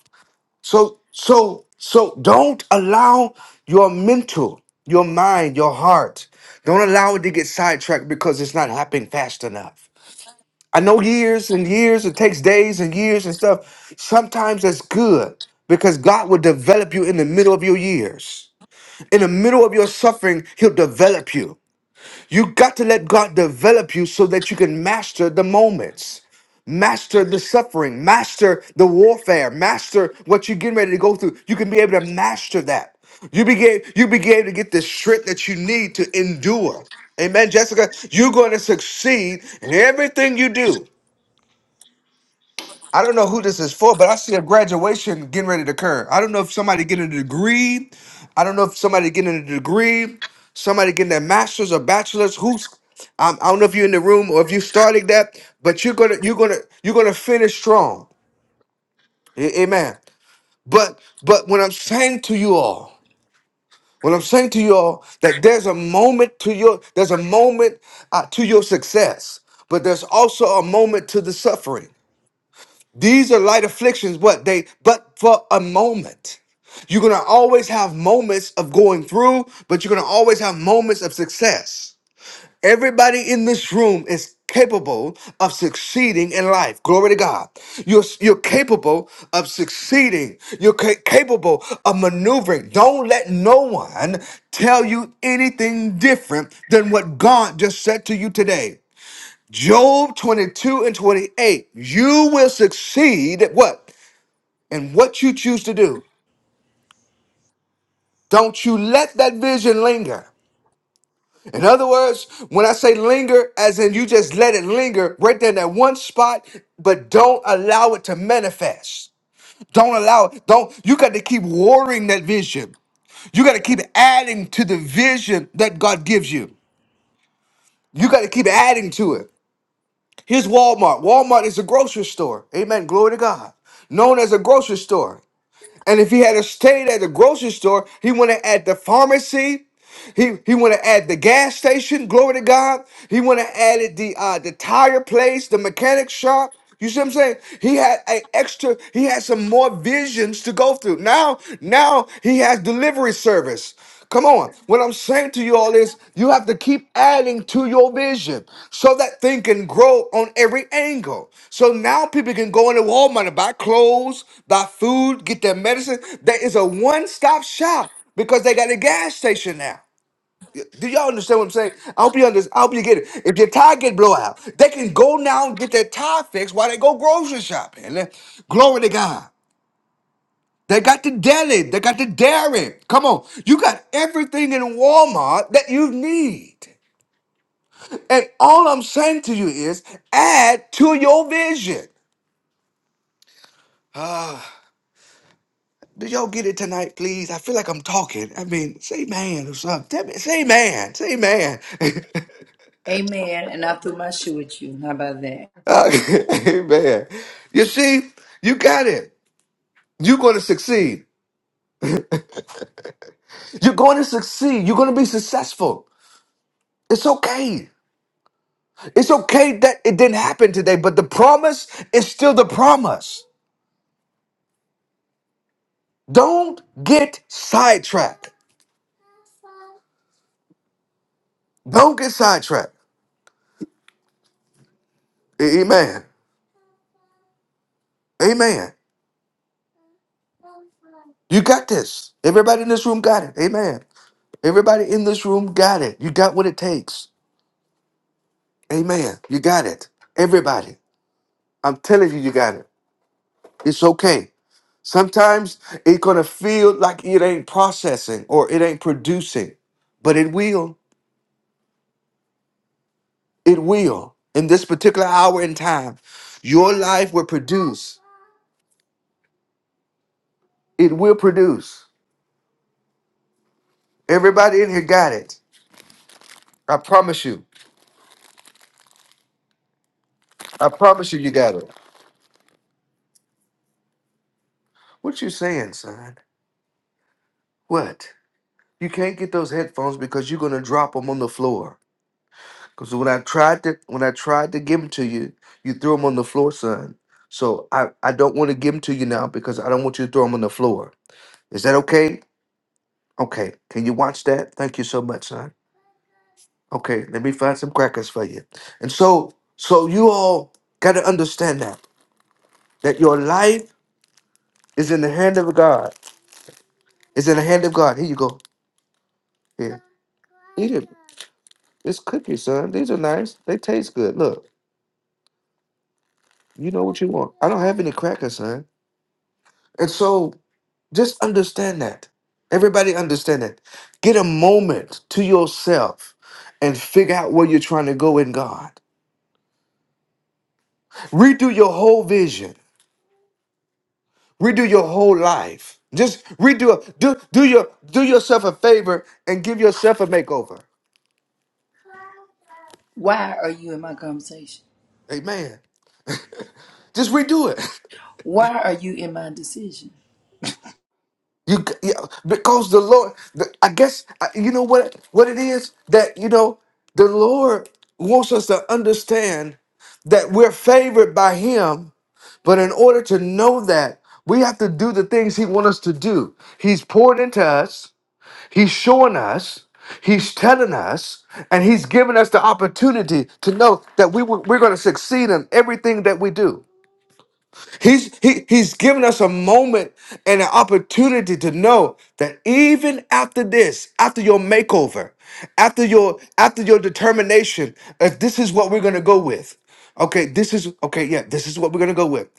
So, so, so don't allow your mental, your mind, your heart, don't allow it to get sidetracked because it's not happening fast enough. I know years and years, it takes days and years and stuff. Sometimes that's good because God will develop you in the middle of your years. In the middle of your suffering, He'll develop you. You got to let God develop you so that you can master the moments, master the suffering, master the warfare, master what you're getting ready to go through. You can be able to master that. You begin you begin to get the strength that you need to endure. Amen, Jessica. You're going to succeed in everything you do. I don't know who this is for, but I see a graduation getting ready to occur. I don't know if somebody getting a degree. I don't know if somebody getting a degree, somebody getting their master's or bachelor's. Who's um, I don't know if you're in the room or if you started that, but you're gonna you're gonna you're gonna finish strong. A- Amen. But but when I'm saying to you all, when I'm saying to you all that there's a moment to your there's a moment uh, to your success, but there's also a moment to the suffering. These are light afflictions, what they, but for a moment. You're gonna always have moments of going through, but you're gonna always have moments of success. Everybody in this room is capable of succeeding in life. Glory to God. You're, you're capable of succeeding. You're ca- capable of maneuvering. Don't let no one tell you anything different than what God just said to you today. Job 22 and 28. You will succeed at what? And what you choose to do. Don't you let that vision linger. In other words, when I say linger, as in you just let it linger right there in that one spot, but don't allow it to manifest. Don't allow it. Don't. You got to keep watering that vision. You got to keep adding to the vision that God gives you. You got to keep adding to it. Here's Walmart. Walmart is a grocery store. Amen. Glory to God. Known as a grocery store. And if he had stayed at the grocery store, he went at the pharmacy. He he want to add the gas station. Glory to God. He want to add it the uh, the tire place, the mechanic shop. You see what I'm saying? He had a extra. He had some more visions to go through. Now now he has delivery service. Come on. What I'm saying to you all is you have to keep adding to your vision so that thing can grow on every angle. So now people can go into Walmart and buy clothes, buy food, get their medicine. There is a one stop shop because they got a gas station now. Do y'all understand what I'm saying? I hope you understand. I hope you get it. If your tire get blow out, they can go now and get their tire fixed while they go grocery shopping. And then- Glory to God. They got the deli. They got the dairy. Come on. You got everything in Walmart that you need. And all I'm saying to you is add to your vision. Do y'all get it tonight, please? I feel like I'm talking. I mean, say man or something. Tell me, say man. Say man.
Amen. And I threw my shoe at you. How about that?
Okay, Amen. You see, you got it. You're going to succeed. You're going to succeed. You're going to be successful. It's okay. It's okay that it didn't happen today, but the promise is still the promise. Don't get sidetracked. Don't get sidetracked. A- Amen. Amen. You got this. Everybody in this room got it. Amen. Everybody in this room got it. You got what it takes. Amen. You got it. Everybody. I'm telling you, you got it. It's okay. Sometimes it's gonna feel like it ain't processing or it ain't producing, but it will. It will. In this particular hour in time, your life will produce. It will produce. Everybody in here got it. I promise you. I promise you, you got it. What you saying, son? What? You can't get those headphones because you're gonna drop them on the floor. Because when I tried to when I tried to give them to you, you threw them on the floor, son. So I, I don't want to give them to you now because I don't want you to throw them on the floor. Is that okay? Okay. Can you watch that? Thank you so much, son. Okay, let me find some crackers for you. And so so you all gotta understand that. That your life is in the hand of God. It's in the hand of God. Here you go. Here. Eat it. It's cookies, son. These are nice. They taste good. Look, you know what you want. I don't have any crackers, son. And so Just understand that. Everybody understand that. Get a moment to yourself and figure out where you're trying to go in God. Redo your whole vision. Redo your whole life. Just redo it. do do your do yourself a favor and give yourself a makeover.
Why are you in my conversation?
Amen. Just redo it.
Why are you in my decision?
You, yeah. because the Lord the, I guess uh, you know what what it is that you know the Lord wants us to understand that we're favored by him But in order to know that, we have to do the things He wants us to do. He's poured into us, He's showing us, He's telling us, and He's giving us the opportunity to know that we, were- we're going to succeed in everything that we do. He's, he, he's given us a moment and an opportunity to know that even after this, after your makeover, after your after your determination, if this is what we're gonna go with, Okay, this is okay. Yeah, this is what we're gonna go with.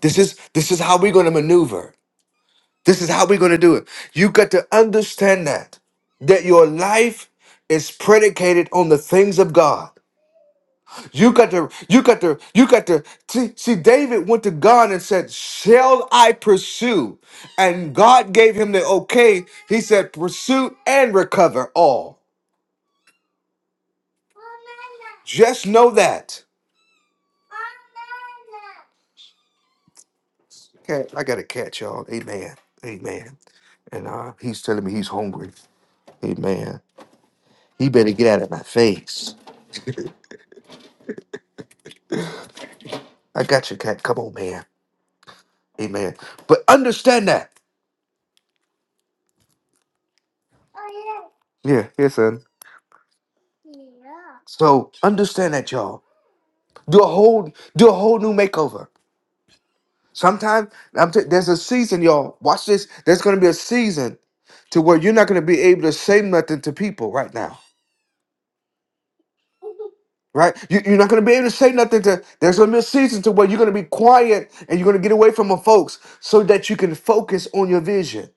This is this is how we're going to maneuver. This is how we're going to do it. You got to understand that that your life is predicated on the things of God. You got to you got to you got to see, see David went to God and said, "Shall I pursue?" And God gave him the okay. He said, "Pursue and recover all." Just know that. Okay, I got to catch y'all. Amen. Amen. And uh, he's telling me he's hungry. Amen. He better get out of my face. I got you, cat. Come on, man. Amen. But understand that. Yeah, yeah, son. So understand that, y'all. Do a whole, do a whole new makeover. Sometimes I'm t- there's a season, y'all. Watch this. There's gonna be a season to where you're not gonna be able to say nothing to people right now. Right? You, you're not gonna be able to say nothing to. There's gonna be a season to where you're gonna be quiet and you're gonna get away from the folks so that you can focus on your vision.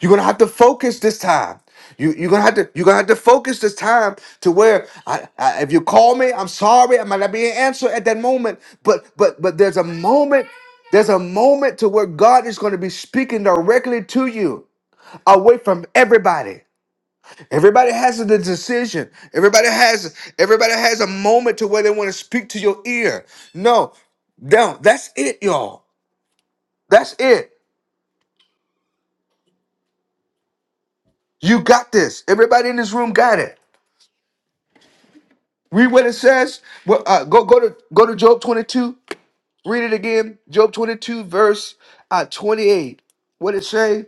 You're gonna have to focus this time. You, you're gonna have to you're gonna have to focus this time to where I, I, if you call me, I'm sorry, I might not be an answer at that moment, but but but there's a moment, there's a moment to where God is gonna be speaking directly to you, away from everybody. Everybody has the decision. Everybody has everybody has a moment to where they want to speak to your ear. No, no, that's it, y'all. That's it. You got this. Everybody in this room got it. Read what it says. Well, uh, go go to go to Job 22. Read it again. Job 22 verse uh, 28. What it say?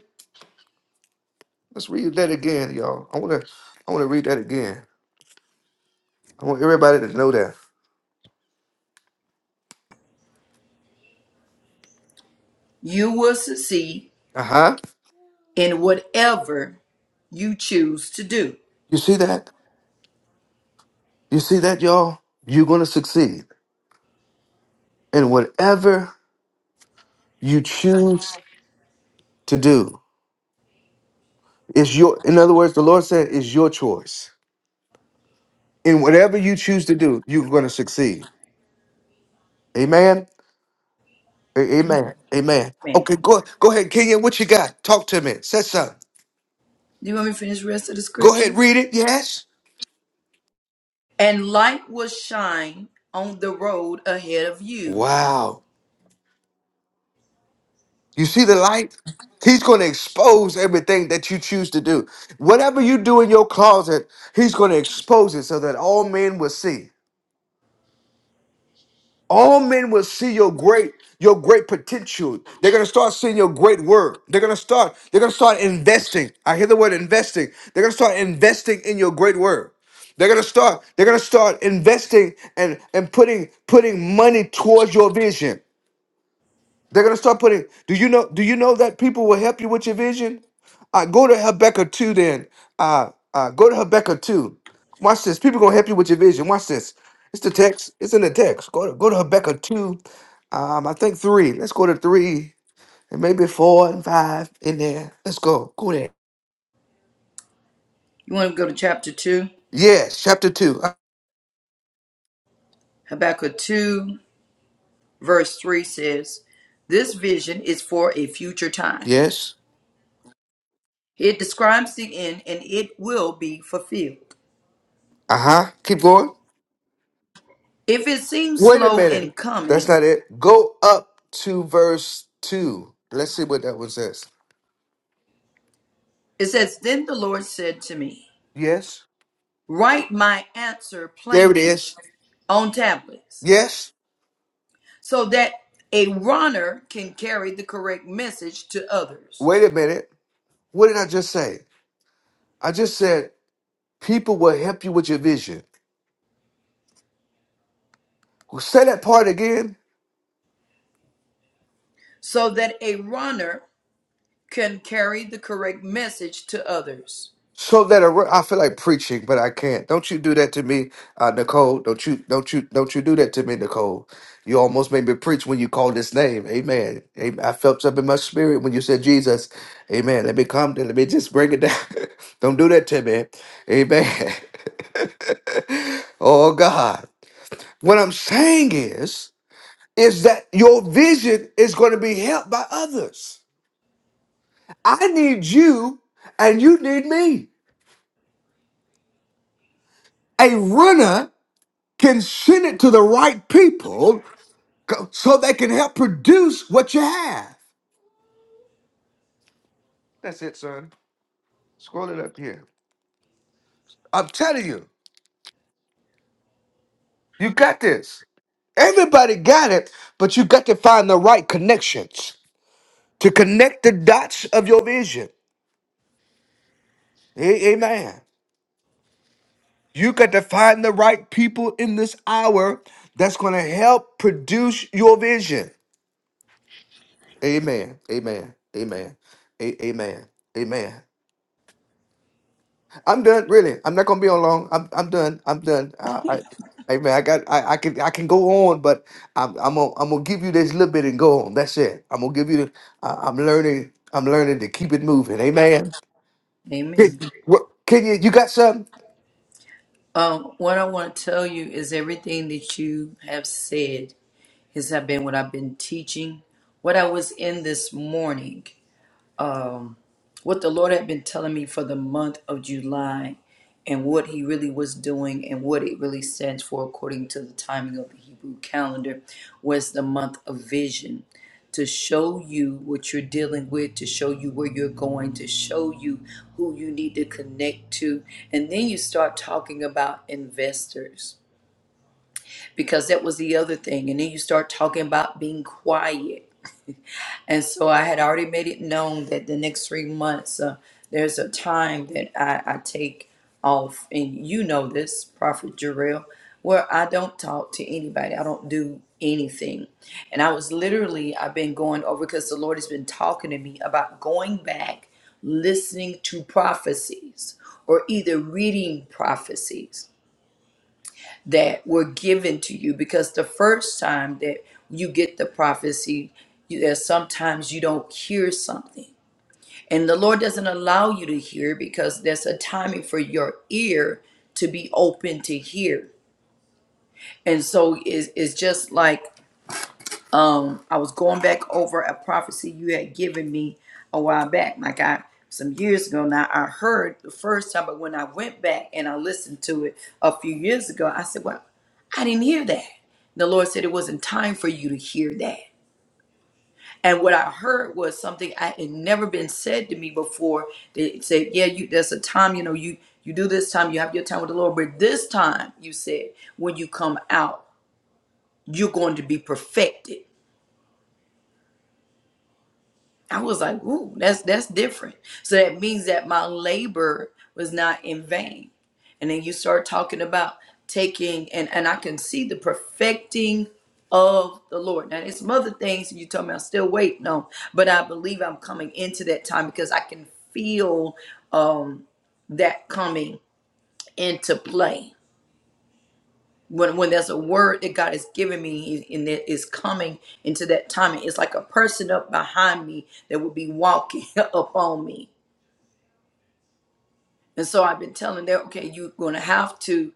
Let's read that again, y'all. I want to I want to read that again. I want everybody to know that.
You will succeed
Uh-huh.
in whatever you choose to do.
You see that? You see that, y'all? You're going to succeed in whatever you choose to do. It's your in other words, the Lord said it's your choice. In whatever you choose to do, you're going to succeed. Amen. A- Amen. Amen.
Man,
Okay, go go ahead, Kenyon. What you got? Talk to me. Say something.
do you want me to finish the rest of the
Go
scripture?
ahead, read it. Yes.
And light will shine on the road ahead of you.
Wow. You see the light? He's going to expose everything that you choose to do. Whatever you do in your closet, he's going to expose it so that all men will see. All men will see your great, your great potential. They're gonna start seeing your great work. They're gonna start, they're gonna start investing. I hear the word investing. They're gonna start investing in your great work. They're gonna start, they're gonna start investing and, and putting putting money towards your vision. They're gonna start putting. Do you know? Do you know that people will help you with your vision? Uh, go to Habakkuk two. Then uh, uh, go to Habakkuk two. Watch this. People gonna help you with your vision. Watch this. It's the text. It's in the text. Go to go to Habakkuk two. Um, I think three. Let's go to three and maybe four and five in there. Let's go. Go there.
You want to go to chapter 2?
Yes, chapter two. Uh,
Habakkuk 2, verse 3 says, This vision is for a future time.
yes.
It describes the end and it will be fulfilled.
Uh huh. Keep going.
If it seems
Wait a
slow in
minute. That's
coming,
not it. Go up to verse two. Let's see what that one says.
it says, Then the Lord said to me,
Yes.
Write my answer
There it
plainly
is.
on tablets
Yes.
so that a runner can carry the correct message to others.
Wait a minute. What did I just say? I just said people will help you with your vision. Say that part again.
So that a runner can carry the correct message to others.
So that a re- I feel like preaching, but I can't. Don't you do that to me, uh, Nicole? Don't you? Don't you? Don't you do that to me, Nicole? You almost made me preach when you called this name. Amen. Amen. I felt something in my spirit when you said Jesus. Amen. Let me come. Let me just bring it down. don't do that to me. Amen. oh God. What I'm saying is. is that your vision is going to be helped by others. I need you and you need me. A runner can send it to the right people co- so they can help produce what you have. That's it, son. Scroll it up here. I'm telling you, you got this. Everybody got it, but you got to find the right connections to connect the dots of your vision. A- Amen. You got to find the right people in this hour that's going to help produce your vision. Amen. Amen. Amen. A- amen. Amen. I'm done. Really, I'm not going to be on long. I'm I'm done. I'm done. Uh, I, amen. I got. I, I can. I can go on, but I'm I'm gonna I'm gonna give you this little bit and go on. That's it. I'm gonna give you. The, I, I'm learning. I'm learning to keep it moving. Amen.
Amen.
Can, what, can you? You got something?
Um, what I want to tell you is everything that you have said has been what I've been teaching, what I was in this morning. um, what the Lord had been telling me for the month of July and what He really was doing and what it really stands for according to the timing of the Hebrew calendar was the month of vision to show you what you're dealing with, to show you where you're going, to show you who you need to connect to. And then you start talking about investors because that was the other thing. And then you start talking about being quiet and so I had already made it known that the next three months, uh, there's a time that I, I take off, and you know this, Prophet Jarrell, where I don't talk to anybody. I don't do anything. And I was literally, I've been going over because the Lord has been talking to me about going back, listening to prophecies, or either reading prophecies that were given to you because the first time that you get the prophecy, you, there's sometimes you don't hear something. And the Lord doesn't allow you to hear because there's a timing for your ear to be open to hear. And so it's, it's just like um I was going back over a prophecy you had given me a while back. Like I some years ago now I heard the first time, but when I went back and I listened to it a few years ago, I said, Well, I didn't hear that. The Lord said it wasn't time for you to hear that. And what I heard was something I had never been said to me before. They said, Yeah, you there's a time, you know, you you do this time, you have your time with the Lord, but this time you said when you come out, you're going to be perfected I was like, ooh, that's that's different. So that means that my labor was not in vain. And then you start talking about taking and and I can see the perfecting of the Lord. Now there's some other things you told me I'm still waiting on, but I believe I'm coming into that time because I can feel um that coming into play when when there's a word that God has given me and that is coming into that timing, it's like a person up behind me that would be walking up on me. And so I've been telling them, okay, you're gonna have to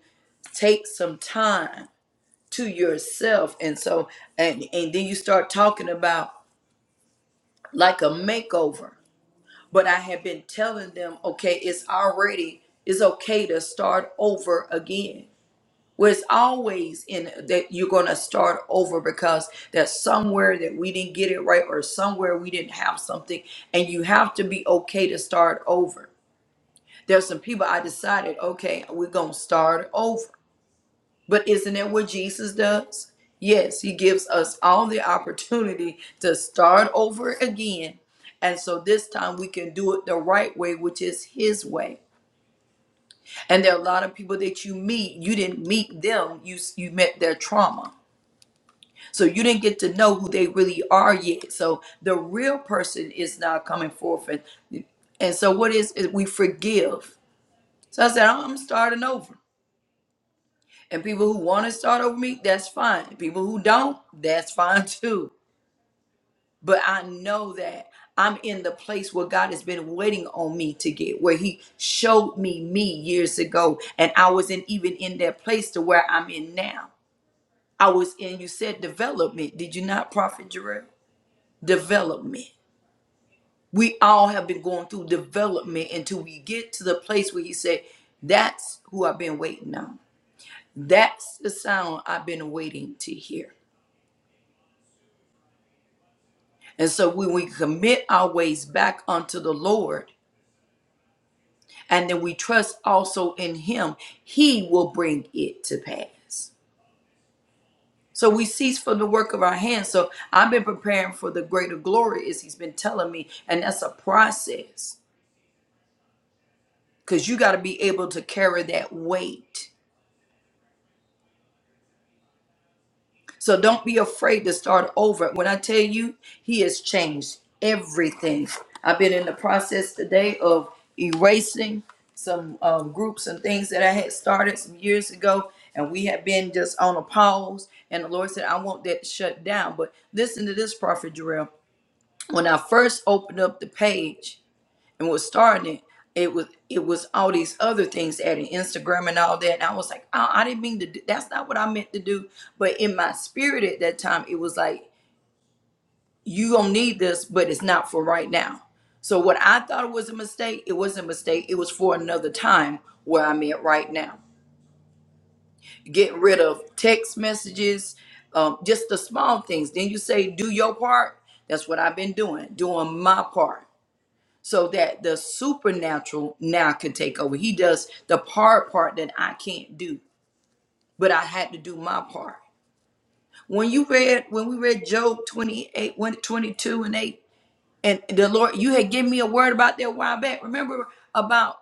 take some time to yourself. And so and and then you start talking about like a makeover. But I have been telling them, okay, it's already it's okay to start over again Well, it's always in that you're going to start over because there's somewhere that we didn't get it right or somewhere we didn't have something, and you have to be okay to start over. There's some people I decided, okay, we're going to start over. But isn't that what Jesus does? Yes, he gives us all the opportunity to start over again. And so this time we can do it the right way, which is his way. And there are a lot of people that you meet, you didn't meet them, you, you met their trauma So you didn't get to know who they really are yet. So the real person is now coming forth. And, and so what is is we forgive. So I said, "Oh, I'm starting over. And people who want to start over me, that's fine. People who don't, that's fine too. But I know that I'm in the place where God has been waiting on me to get, where He showed me me years ago. And I wasn't even in that place to where I'm in now. I was in, you said development. Did you not, Prophet Jarrell? Development We all have been going through development until we get to the place where he said, That's who I've been waiting on. That's the sound I've been waiting to hear. And so when we commit our ways back unto the Lord, and then we trust also in him, he will bring it to pass. So we cease from the work of our hands. So I've been preparing for the greater glory, as he's been telling me, and that's a process because you got to be able to carry that weight So don't be afraid to start over. When I tell you, he has changed everything. I've been in the process today of erasing some um, groups and things that I had started some years ago, and we have been just on a pause. And the Lord said, I want that shut down. But listen to this, Prophet Jarrell. When I first opened up the page, and was starting it, it was it was all these other things adding Instagram and all that. And I was like, I, I didn't mean to. Do, that's not what I meant to do. But in my spirit at that time, it was like, you gonna need this, but it's not for right now. So what I thought was a mistake, it wasn't a mistake. It was for another time where I'm at right now. Getting rid of text messages, um, just the small things. Then you say, do your part. That's what I've been doing, doing my part so that the supernatural now can take over. He does the part part that I can't do, but I had to do my part. When you read, when we read Job 28, one 22 and 8, and the Lord, you had given me a word about that a while back. Remember about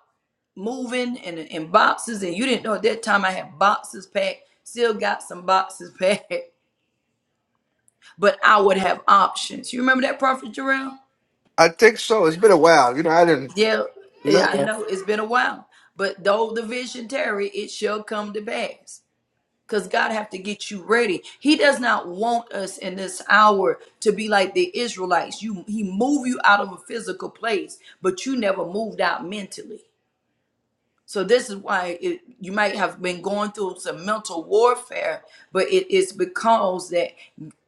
moving and, and boxes, and you didn't know at that time I had boxes packed, still got some boxes packed, but I would have options. You remember that, Prophet Jarrell?
I think so. It's been a while. You know, I didn't.
Yeah, eh,
No.
I know it's been a while, but though the vision tarry, it shall come to pass. Cause God have to get you ready. He does not want us in this hour to be like the Israelites. You, He move you out of a physical place, but you never moved out mentally. So this is why it, you might have been going through some mental warfare, but it is because that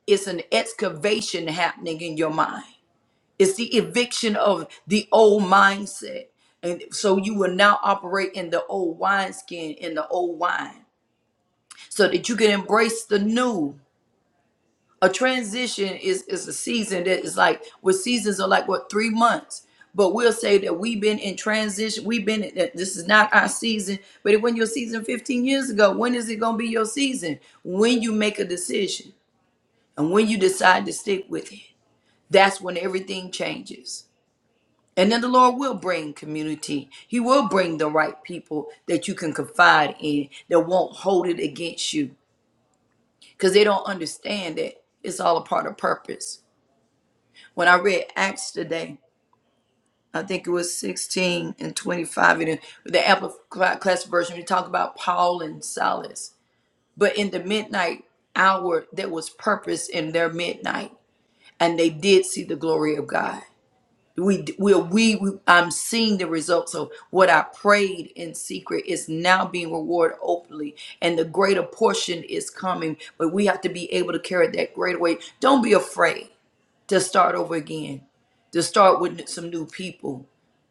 it's an excavation happening in your mind. It's the eviction of the old mindset. And so you will now operate in the old wineskin, in the old wine, so that you can embrace the new. A transition is, is a season that is like, what seasons are like, what, three months? But we'll say that we've been in transition. We've been, in- that this is not our season, but it wasn't your season 15 years ago. When is it going to be your season? When you make a decision and when you decide to stick with it, that's when everything changes. And then the Lord will bring community. He will bring the right people that you can confide in that won't hold it against you because they don't understand that it's all a part of purpose. When I read Acts today, I think it was 16 and 25 in the the Amplified Class version, we talk about Paul and Silas. But in the midnight hour, there was purpose in their midnight, and they did see the glory of God. we we we, we I'm seeing the results of what I prayed in secret is now being rewarded openly, and the greater portion is coming. But we have to be able to carry that greater weight. Don't be afraid to start over again, to start with some new people.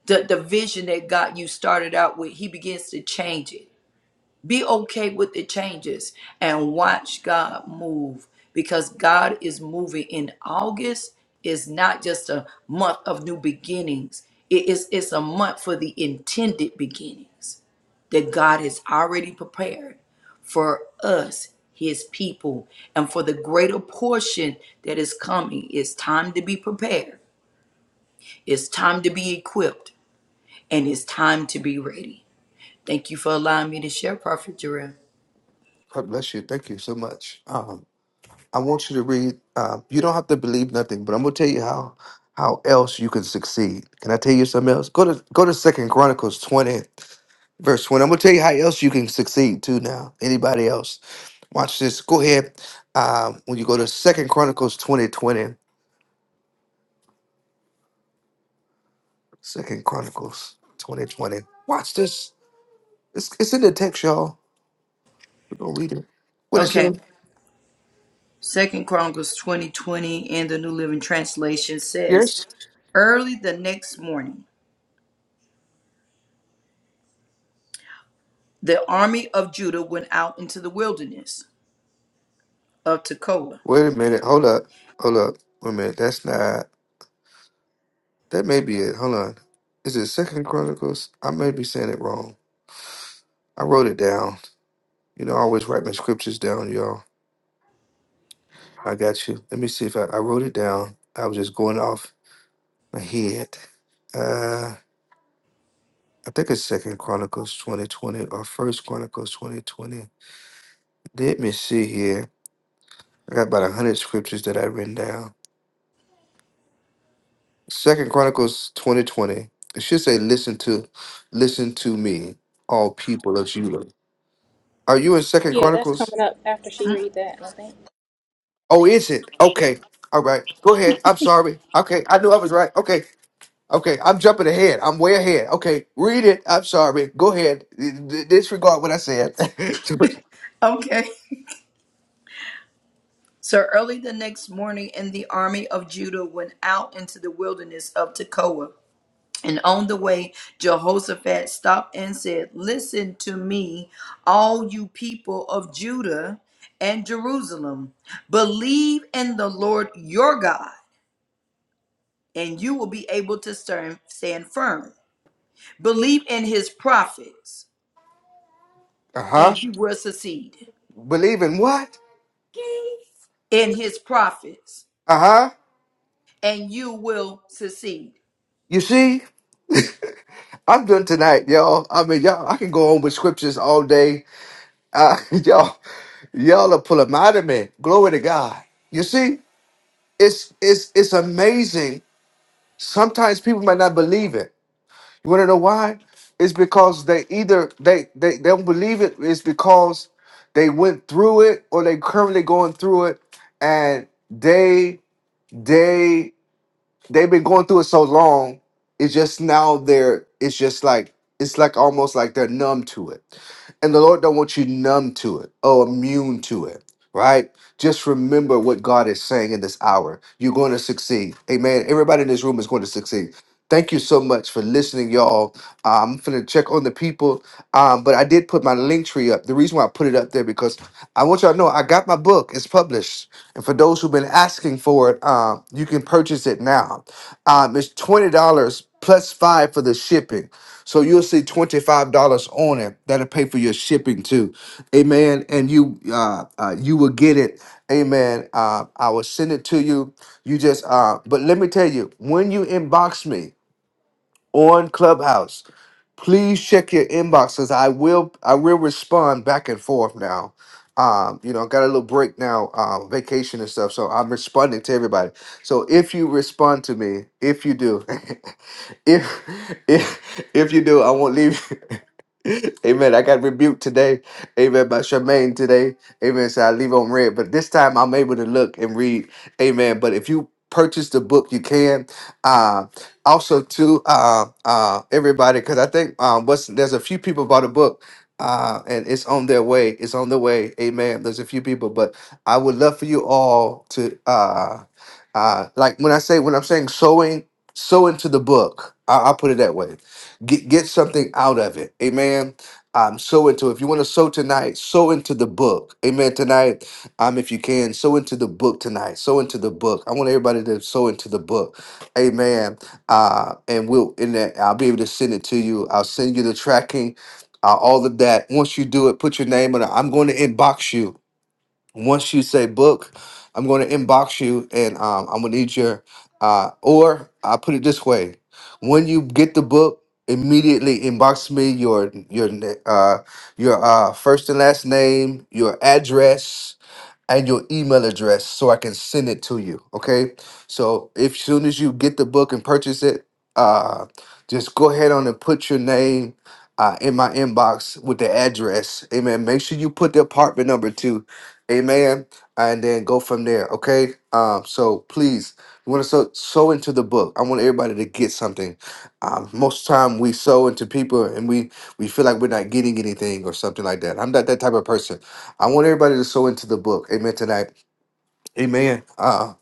The the vision that God you started out with, He begins to change it be okay with the changes and watch God move because God is moving in August is not just a month of new beginnings. It is it's a month for the intended beginnings that God has already prepared for us, his people, and for the greater portion that is coming. It's time to be prepared. It's time to be equipped and it's time to be ready. Thank you for allowing me to share, Prophet Jarrell.
God bless you. Thank you so much. Um, I want you to read. Uh, you don't have to believe nothing, but I'm gonna tell you how how else you can succeed. Can I tell you something else? Go to go to Second Chronicles 20, verse 20. I'm gonna tell you how else you can succeed too. Now, anybody else? Watch this. Go ahead. Um, when you go to Second Chronicles twenty twenty, Second Chronicles 20 20. Watch this. It's, it's in the text, y'all. We're gonna read it. What is
Okay.
it?
Second Chronicles 2020 in the New Living Translation says,
Yes.
Early the next morning, the army of Judah went out into the wilderness of Tekoa.
Wait a minute. Hold up. Hold up. Wait a minute. That's not. That may be it. Hold on. Is it Second Chronicles? I may be saying it wrong. I wrote it down. You know, I always write my scriptures down, y'all. I got you. Let me see if I, I wrote it down. I was just going off my head. Uh I think it's Second Chronicles 2020 or First Chronicles 2020. Let me see here. I got about a hundred scriptures that I written down. Second Chronicles 2020. It should say listen to listen to me, all people of Judah. Are you in Second
Yeah, that's
Chronicles?
coming up after she read that. I think.
Oh, is it? Okay. All right. Go ahead. I'm sorry. Okay. I knew I was right. Okay. Okay. I'm jumping ahead. I'm way ahead. Okay. Read it. I'm sorry. Go ahead. D- d- disregard what I said.
Okay. So early the next morning, and the army of Judah went out into the wilderness of Tekoa. And on the way, Jehoshaphat stopped and said, Listen to me, all you people of Judah and Jerusalem. Believe in the Lord your God and you will be able to stand, stand firm. Believe in his prophets,
uh huh.
and you will succeed.
Believe in what?
In his prophets,
Uh huh.
and you will succeed.
You see? I'm done tonight, y'all. I mean, y'all, I can go on with scriptures all day. Uh, y'all, y'all are pulling out of me. Glory to God. You see, it's it's it's amazing. Sometimes people might not believe it. You want to know why? It's because they either they, they they don't believe it. It's because they went through it or they currently going through it, and they they they've been going through it so long. It's just now they're it's just like it's like almost like they're numb to it, and the Lord don't want you numb to it or immune to it, right? Just remember what God is saying in this hour. You're going to succeed. Amen. Everybody in this room is going to succeed. Thank you so much for listening, y'all. Uh, I'm finna check on the people, um, but I did put my link tree up. The reason why I put it up there because I want y'all to know I got my book. It's published, and for those who've been asking for it, um, you can purchase it now. Um, it's twenty dollars plus five for the shipping, so you'll see twenty five dollars on it. That'll pay for your shipping too, amen. And you, uh, uh, you will get it, amen. Uh, I will send it to you. You just, uh, but let me tell you, when you inbox me on Clubhouse. Please check your inbox because I will I will respond back and forth now. Um, you know, I got a little break now, uh, vacation and stuff, so I'm responding to everybody. So if you respond to me, if you do, if if if you do, I won't leave. you. Amen. I got rebuked today. Amen. By Charmaine today. Amen. So I leave on red, but this time I'm able to look and read. Amen. But if you purchase the book, you can. Um, also to uh, uh, everybody because I think um, what's there's a few people bought a book. Uh, and it's on their way. It's on the way. Amen. There's a few people, but I would love for you all to, uh, uh, like when I say when I'm saying sowing, sow into the book. I, I'll put it that way. Get get something out of it. Amen. Um, sow into. If you want to sow tonight, sow into the book. Amen. Tonight, um, if you can, sow into the book tonight. Sow into the book. I want everybody to sow into the book. Amen uh, and we'll in that I'll be able to send it to you. I'll send you the tracking, uh, all of that. Once you do it, put your name on it. I'm going to inbox you. Once you say book, I'm going to inbox you, and um, I'm gonna need your. Uh, or I put it this way: when you get the book, immediately inbox me your your na- uh, your uh, first and last name, your address and your email address so I can send it to you. Okay. So if soon as you get the book and purchase it, uh, just go ahead on and put your name uh, in my inbox with the address. Amen. Make sure you put the apartment number too. Amen. And then go from there. Okay. Um, so please, you want to sow, sow into the book. I want everybody to get something. Um, most time we sow into people and we, we feel like we're not getting anything or something like that. I'm not that type of person. I want everybody to sow into the book. Amen. Tonight. Amen. Uh,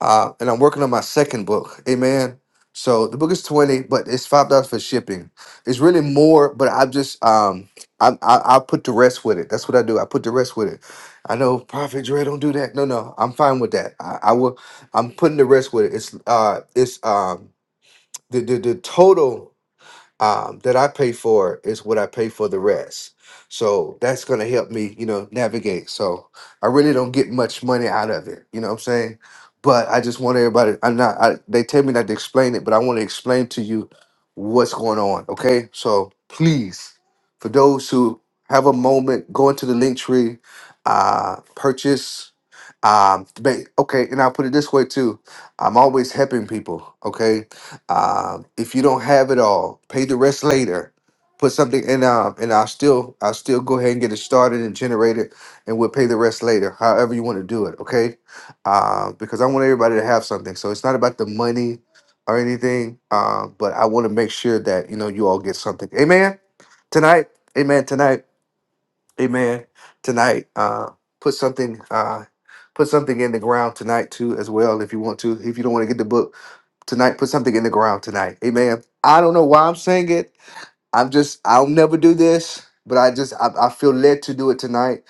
uh, and I'm working on my second book. Amen. So the book is 20, but it's five dollars for shipping. It's really more, but I just um I, I I put the rest with it. That's what I do. I put the rest with it. I know Prophet Dre don't do that. No, no, I'm fine with that. I, I will I'm putting the rest with it. It's uh it's um the the, the total um, that I pay for is what I pay for the rest. So that's going to help me, you know, navigate. So I really don't get much money out of it. You know what I'm saying? But I just want everybody. I'm not. I, they tell me not to explain it, but I want to explain to you what's going on. Okay? So please, for those who have a moment, go into the link tree, uh, purchase. Um, ba- okay, and I'll put it this way too. I'm always helping people. Okay, um, if you don't have it all, pay the rest later. Put something in, um, and I'll still, I'll still go ahead and get it started and generate it, and we'll pay the rest later. However you want to do it, okay? Uh, because I want everybody to have something. So it's not about the money or anything, uh, but I want to make sure that you know you all get something. Amen. Tonight, amen. Tonight, amen. Tonight, uh, put something, uh, put something in the ground tonight too, as well, if you want to. If you don't want to get the book tonight. Put something in the ground tonight. Amen. I don't know why I'm saying it. I'm just, I'll never do this, but I just, I, I feel led to do it tonight.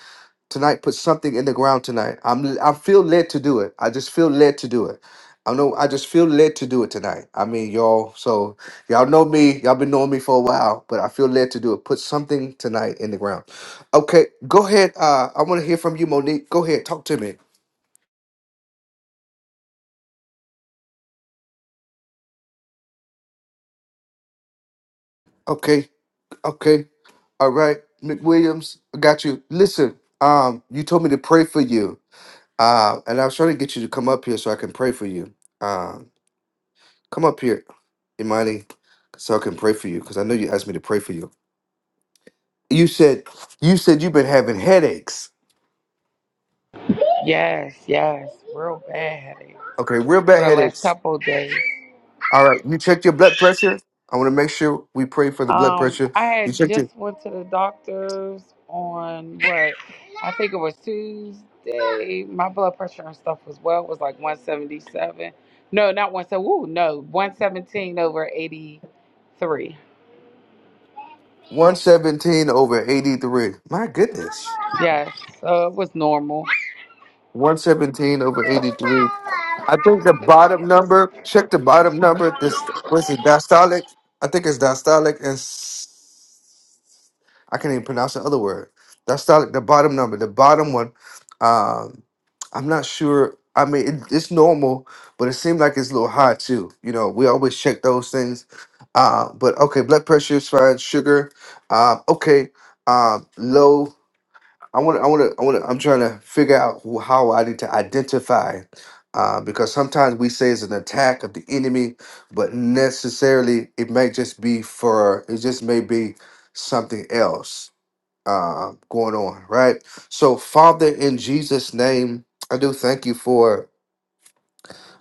Tonight, put something in the ground tonight. I'm, I feel led to do it. I just feel led to do it. I know, I just feel led to do it tonight. I mean, y'all, so y'all know me. Y'all been knowing me for a while, but I feel led to do it. Put something tonight in the ground. Okay, go ahead. Uh, I want to hear from you, Monique. Go ahead, talk to me. Okay, Okay. All right, McWilliams, I got you. Listen, um, you told me to pray for you. Uh, and I was trying to get you to come up here so I can pray for you. Um, come up here, Imani, so I can pray for you because I know you asked me to pray for you. You said you said you've been having headaches.
Yes, yes, real bad headache
Okay, real
for
bad
the last
headaches.
couple of days.
All right, you checked your blood pressure. I want to make sure we pray for the blood
Um,
pressure.
I
You
had
checked it
just went to the doctor's on what I think it was Tuesday. My blood pressure and stuff was well it was like 177. No, not one seventy. Woo, no, 117 over 83.
117 over 83. My goodness.
Yes, so it was normal.
117 over 83. I think the bottom number, check the bottom number. This what's it diastolic? I think it's diastolic and s- I can't even pronounce the other word. Diastolic, the bottom number, the bottom one. Um, I'm not sure. I mean, it, it's normal, but it seemed like it's a little high too. You know, we always check those things. Uh, but okay, blood pressure is fine. Sugar, um, okay. Um, low. I want to, I want to, I want to, I'm trying to figure out who, how I need to identify, uh, because sometimes we say it's an attack of the enemy, but necessarily it might just be for, it just may be something else uh, going on, right? So, Father, in Jesus' name, I do thank you for.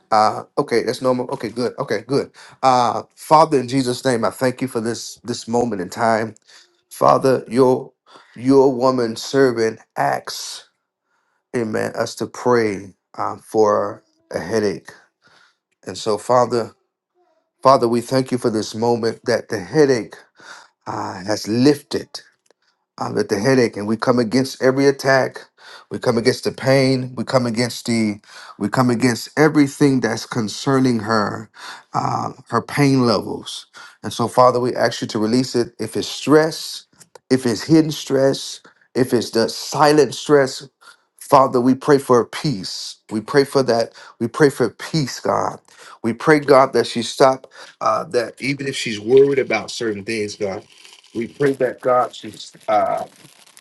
Uh, okay, that's normal. Okay, good. Okay, good. Uh, Father, in Jesus' name, I thank you for this this moment in time. Father, your your woman servant acts amen, us to pray um, for a headache. And so, Father, Father, we thank you for this moment that the headache uh, has lifted uh, with the headache, and we come against every attack. We come against the pain. We come against the. We come against everything that's concerning her, uh, her pain levels. And so, Father, we ask you to release it. If it's stress, if it's hidden stress, if it's the silent stress, Father, we pray for peace. We pray for that. We pray for peace, God. We pray, God, that she stop. Uh, that even if she's worried about certain things, God, we pray that God she's. Uh,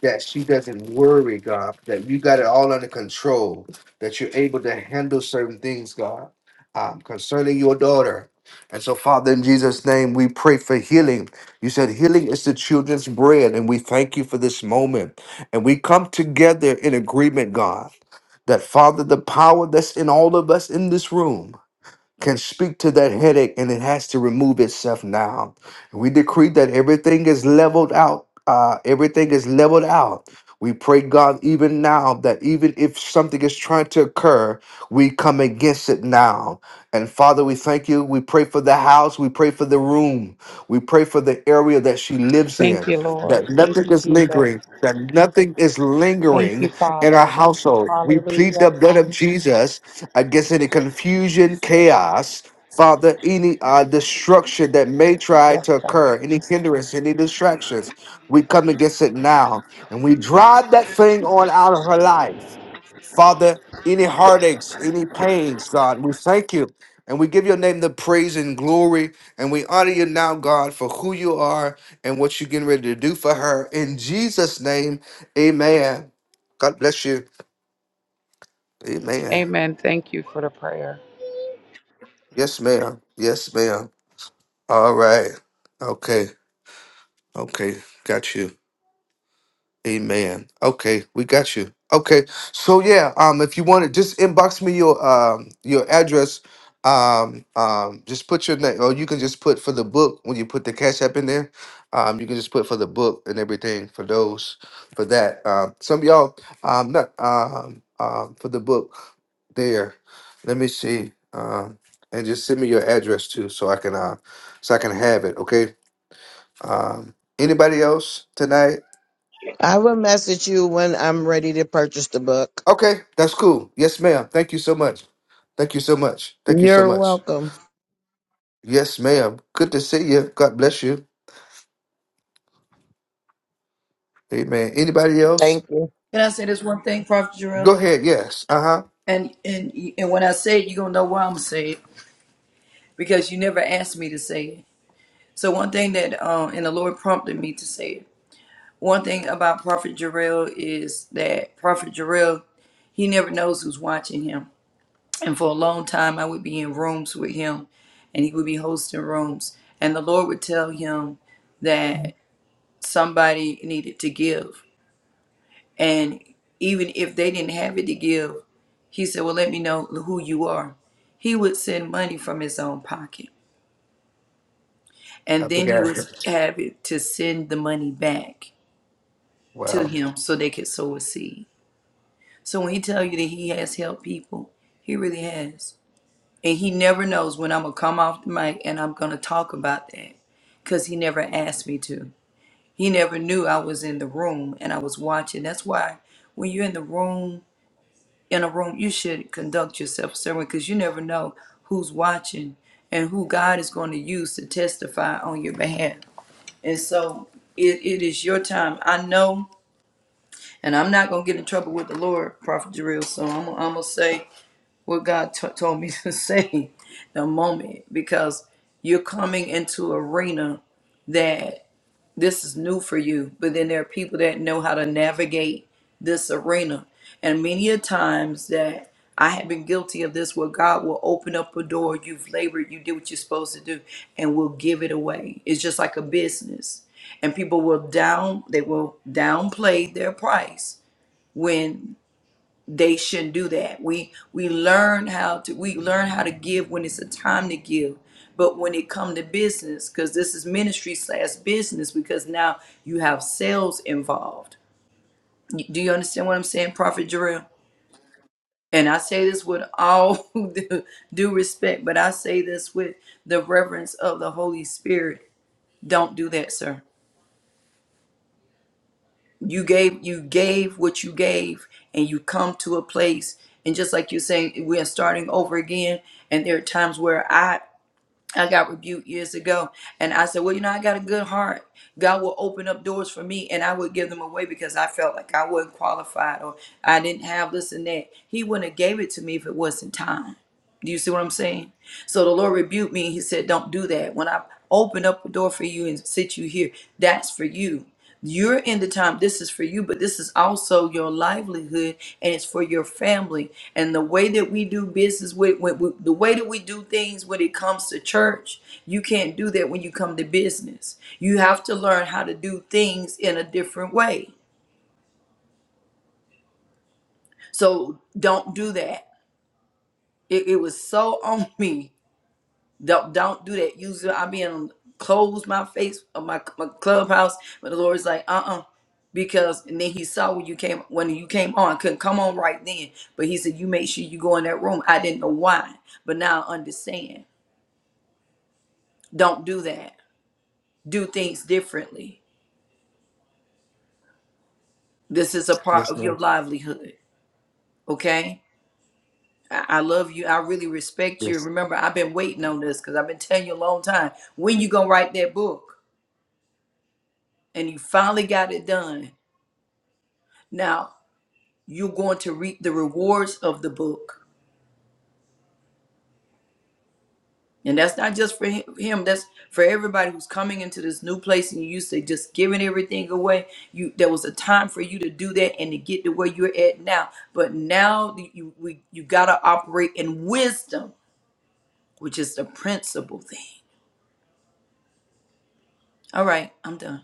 that she doesn't worry, God, that you got it all under control, that you're able to handle certain things, God, um, concerning your daughter. And so, Father, in Jesus' name, we pray for healing. You said healing is the children's bread, and we thank you for this moment. And we come together in agreement, God, that, Father, the power that's in all of us in this room can speak to that headache and it has to remove itself now. We decree that everything is leveled out. Uh, everything is leveled out. We pray, God, even now that even if something is trying to occur, we come against it now. And Father, we thank you. We pray for the house. We pray for the room. We pray for the area that she lives
Thank
in,
you, Lord.
that
Thank
nothing
you,
is
Jesus.
lingering, that nothing is
Thank you,
lingering in our
Father.
household. We plead
Hallelujah.
the blood of Jesus I guess any confusion, chaos, Father, any uh, destruction that may try
Yes,
to
God.
occur, any hindrance, any distractions. We come against it now and we drive that thing on out of her life. Father, any heartaches, any pains, God, we thank you. And we give your name the praise and glory. And we honor you now, God, for who you are and what you're getting ready to do for her. In Jesus' name, amen. God bless you. Amen.
Amen. Thank you for the prayer.
Yes, ma'am. Yes, ma'am. All right. Okay. Okay. Got you. Amen. Okay, we got you. Okay. So yeah, um if you want to just inbox me your um your address. Um um just put your name or you can just put for the book when you put the cash app in there. Um you can just put for the book and everything for those for that. Um some of y'all um not um um for the book there. Let me see. Um and just send me your address too so I can uh so I can have it, okay? Um, anybody else tonight?
I will message you when I'm ready to purchase the book.
Okay, that's cool. Yes, ma'am. Thank you so much. Thank you so much. Thank you so
You're
much.
welcome.
Yes, ma'am. Good to see you. God bless you. Amen. Anybody else?
Thank you.
Can I say this one thing, Prophet Jarrell?
Go ahead. Yes. Uh huh.
And and and when I say it, you're gonna know why I'm going to say it because you never asked me to say it. So one thing that um and the Lord prompted me to say it. One thing about Prophet Jarrell is that Prophet Jarrell he never knows who's watching him And for a long time, I would be in rooms with him, and he would be hosting rooms. And the Lord would tell him that somebody needed to give. And even if they didn't have it to give, he said, Well, let me know who you are. He would send money from his own pocket. And
I
then he
forgot.
was happy to send the money back to
Wow.
him so they could sow a seed. So when he tell you that he has helped people, he really has. And he never knows when I'm going to come off the mic and I'm going to talk about that because he never asked me to. He never knew I was in the room and I was watching. That's why when you're in the room, in a room, you should conduct yourself a certain way, because you never know who's watching and who God is going to use to testify on your behalf. And so it, it is your time. I know, and I'm not going to get in trouble with the Lord, Prophet Jarrell. So I'm, I'm going to say, what God t- told me to say the moment because you're coming into arena that this is new for you, but then there are people that know how to navigate this arena. And many a times that I have been guilty of this where God will open up a door, you've labored, you did what you're supposed to do, and will give it away. It's just like a business. And people will down they will downplay their price when they shouldn't do that. We we learn how to we learn how to give when it's a time to give. But when it come to business, because this is ministry slash business, because now you have sales involved. Y- Do you understand what I'm saying, Prophet Jarrell? And I say this with all due due respect, but I say this with the reverence of the Holy Spirit. Don't do that, sir you gave you gave what you gave and you come to a place and just like you're saying we are starting over again and there are times where i i got rebuked years ago and i said well you know i got a good heart god will open up doors for me and i would give them away because i felt like i wasn't qualified or i didn't have this and that he wouldn't have gave it to me if it wasn't time do you see what i'm saying so the lord rebuked me and he said don't do that when i open up a door for you and sit you here that's for you you're in the time, this is for you, but this is also your livelihood and it's for your family. And the way that we do business with, with, with- the way that we do things when it comes to church, you can't do that when you come to business. You have to learn how to do things in a different way. So don't do that. It, it was so on me Don't don't do that. Use I mean close my face of my, my clubhouse. But the Lord's like, uh uh Because and then he saw when you came when you came on, couldn't come on right then. But he said, You make sure you go in that room. I didn't know why, but now I understand. Don't do that. Do things differently. This is a part
Yes,
of your
ma'am.
livelihood. Okay? I I love you. I really respect you.
Yes.
Remember, I've been waiting on this because I've been telling you a long time. When you gonna write that book? And you finally got it done. Now you're going to reap the rewards of the book. And that's not just for hi- him, that's for everybody who's coming into this new place and you used to just giving everything away. You there was a time for you to do that and to get to where you're at now. But now the- you we, you got to operate in wisdom, which is the principal thing. All right, I'm done.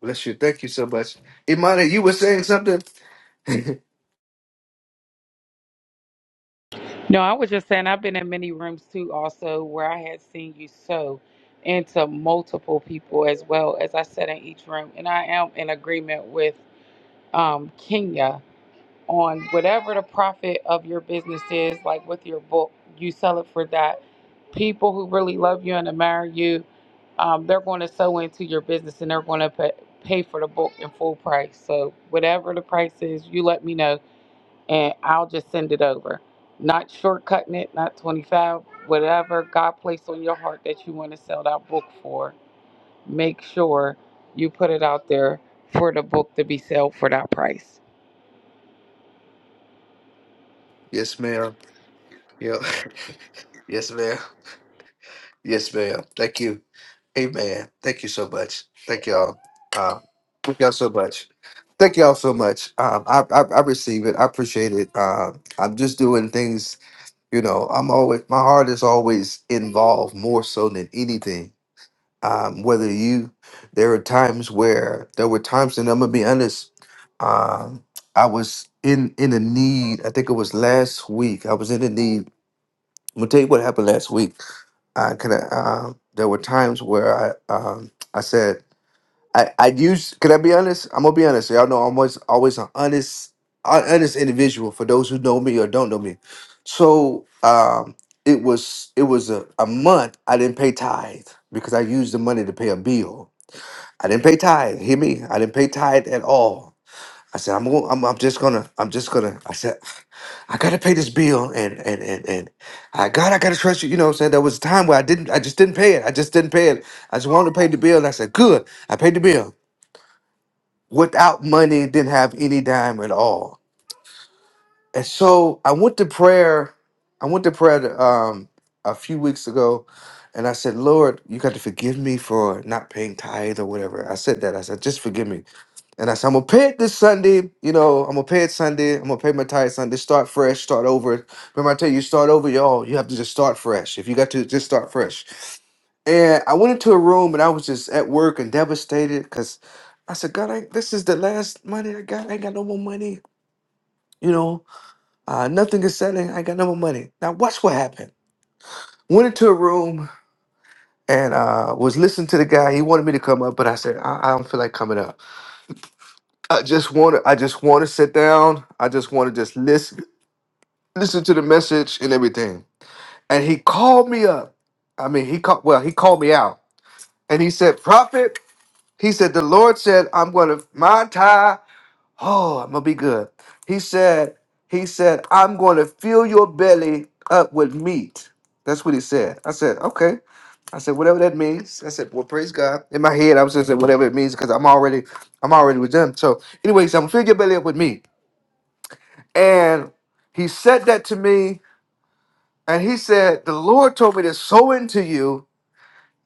Bless you. Thank you so much. Imani, you were saying something?
No, I was just saying, I've been in many rooms too, also, where I had seen you sow into multiple people as well as I said in each room. And I am in agreement with um, Kenya on whatever the profit of your business is, like with your book, you sell it for that. People who really love you and admire you, um, they're going to sow into your business and they're going to pay, pay for the book in full price. So, whatever the price is, you let me know and I'll just send it over. Not shortcutting it, not 25, whatever God placed on your heart that you want to sell that book for, make sure you put it out there for the book to be sold for that price.
yes, ma'am. Yeah. yes, ma'am. Yes, ma'am. Thank you. Amen. Thank you so much. Thank y'all. Um, thank y'all so much. Thank y'all so much. Um, I, I I receive it. I appreciate it. Um, I'm just doing things. You know, I'm always my heart is always involved more so than anything. Um, whether you, there are times where there were times, and I'm gonna be honest. Um, I was in in a need. I think it was last week. I was in a need. I'm gonna tell you what happened last week. I kind of um, there were times where I um, I said. I I use. Can I be honest? I'm gonna be honest. Y'all know I'm always always an honest, an honest individual. For those who know me or don't know me, so um, it was it was a, a month I didn't pay tithe because I used the money to pay a bill. I didn't pay tithe. Hear me? I didn't pay tithe at all. I said I'm going. I'm, I'm just gonna. I'm just gonna. I said I gotta pay this bill and and and and I God I gotta trust you. You know what I'm saying? There was a time where I didn't. I just didn't pay it. I just didn't pay it. I just wanted to pay the bill. And I said good. I paid the bill without money, didn't have any dime at all. And so I went to prayer. I went to prayer to, um, a few weeks ago, and I said, Lord, you got to forgive me for not paying tithe or whatever. I said that. I said, just forgive me. And I said, I'm gonna pay it this Sunday. You know, I'm gonna pay it Sunday. I'm gonna pay my tithe Sunday. Start fresh. Start over. Remember, I tell you, you start over, y'all. You have to just start fresh. If you got to just start fresh and I went into a room and I was just at work and devastated because I said, God, I, this is the last money I got. I ain't got no more money. You know, uh, nothing is selling. I ain't got no more money. Now, watch what happened. Went into a room and uh, was listening to the guy. He wanted me to come up, but I said, I, I don't feel like coming up. I just want to, I just want to sit down. I just want to just listen, listen to the message and everything. And he called me up. I mean, he called, well, he called me out and he said, Prophet. He said, The Lord said, I'm going to, my tie, oh, I'm going to be good. He said, He said, I'm going to fill your belly up with meat. That's what he said. I said, Okay. I said, whatever that means. I said, well, praise God. In my head, I was just saying whatever it means because I'm already, I'm already with them. So, anyway, he said, I'm gonna fill your belly up with meat. And he said that to me, and he said, The Lord told me to sow into you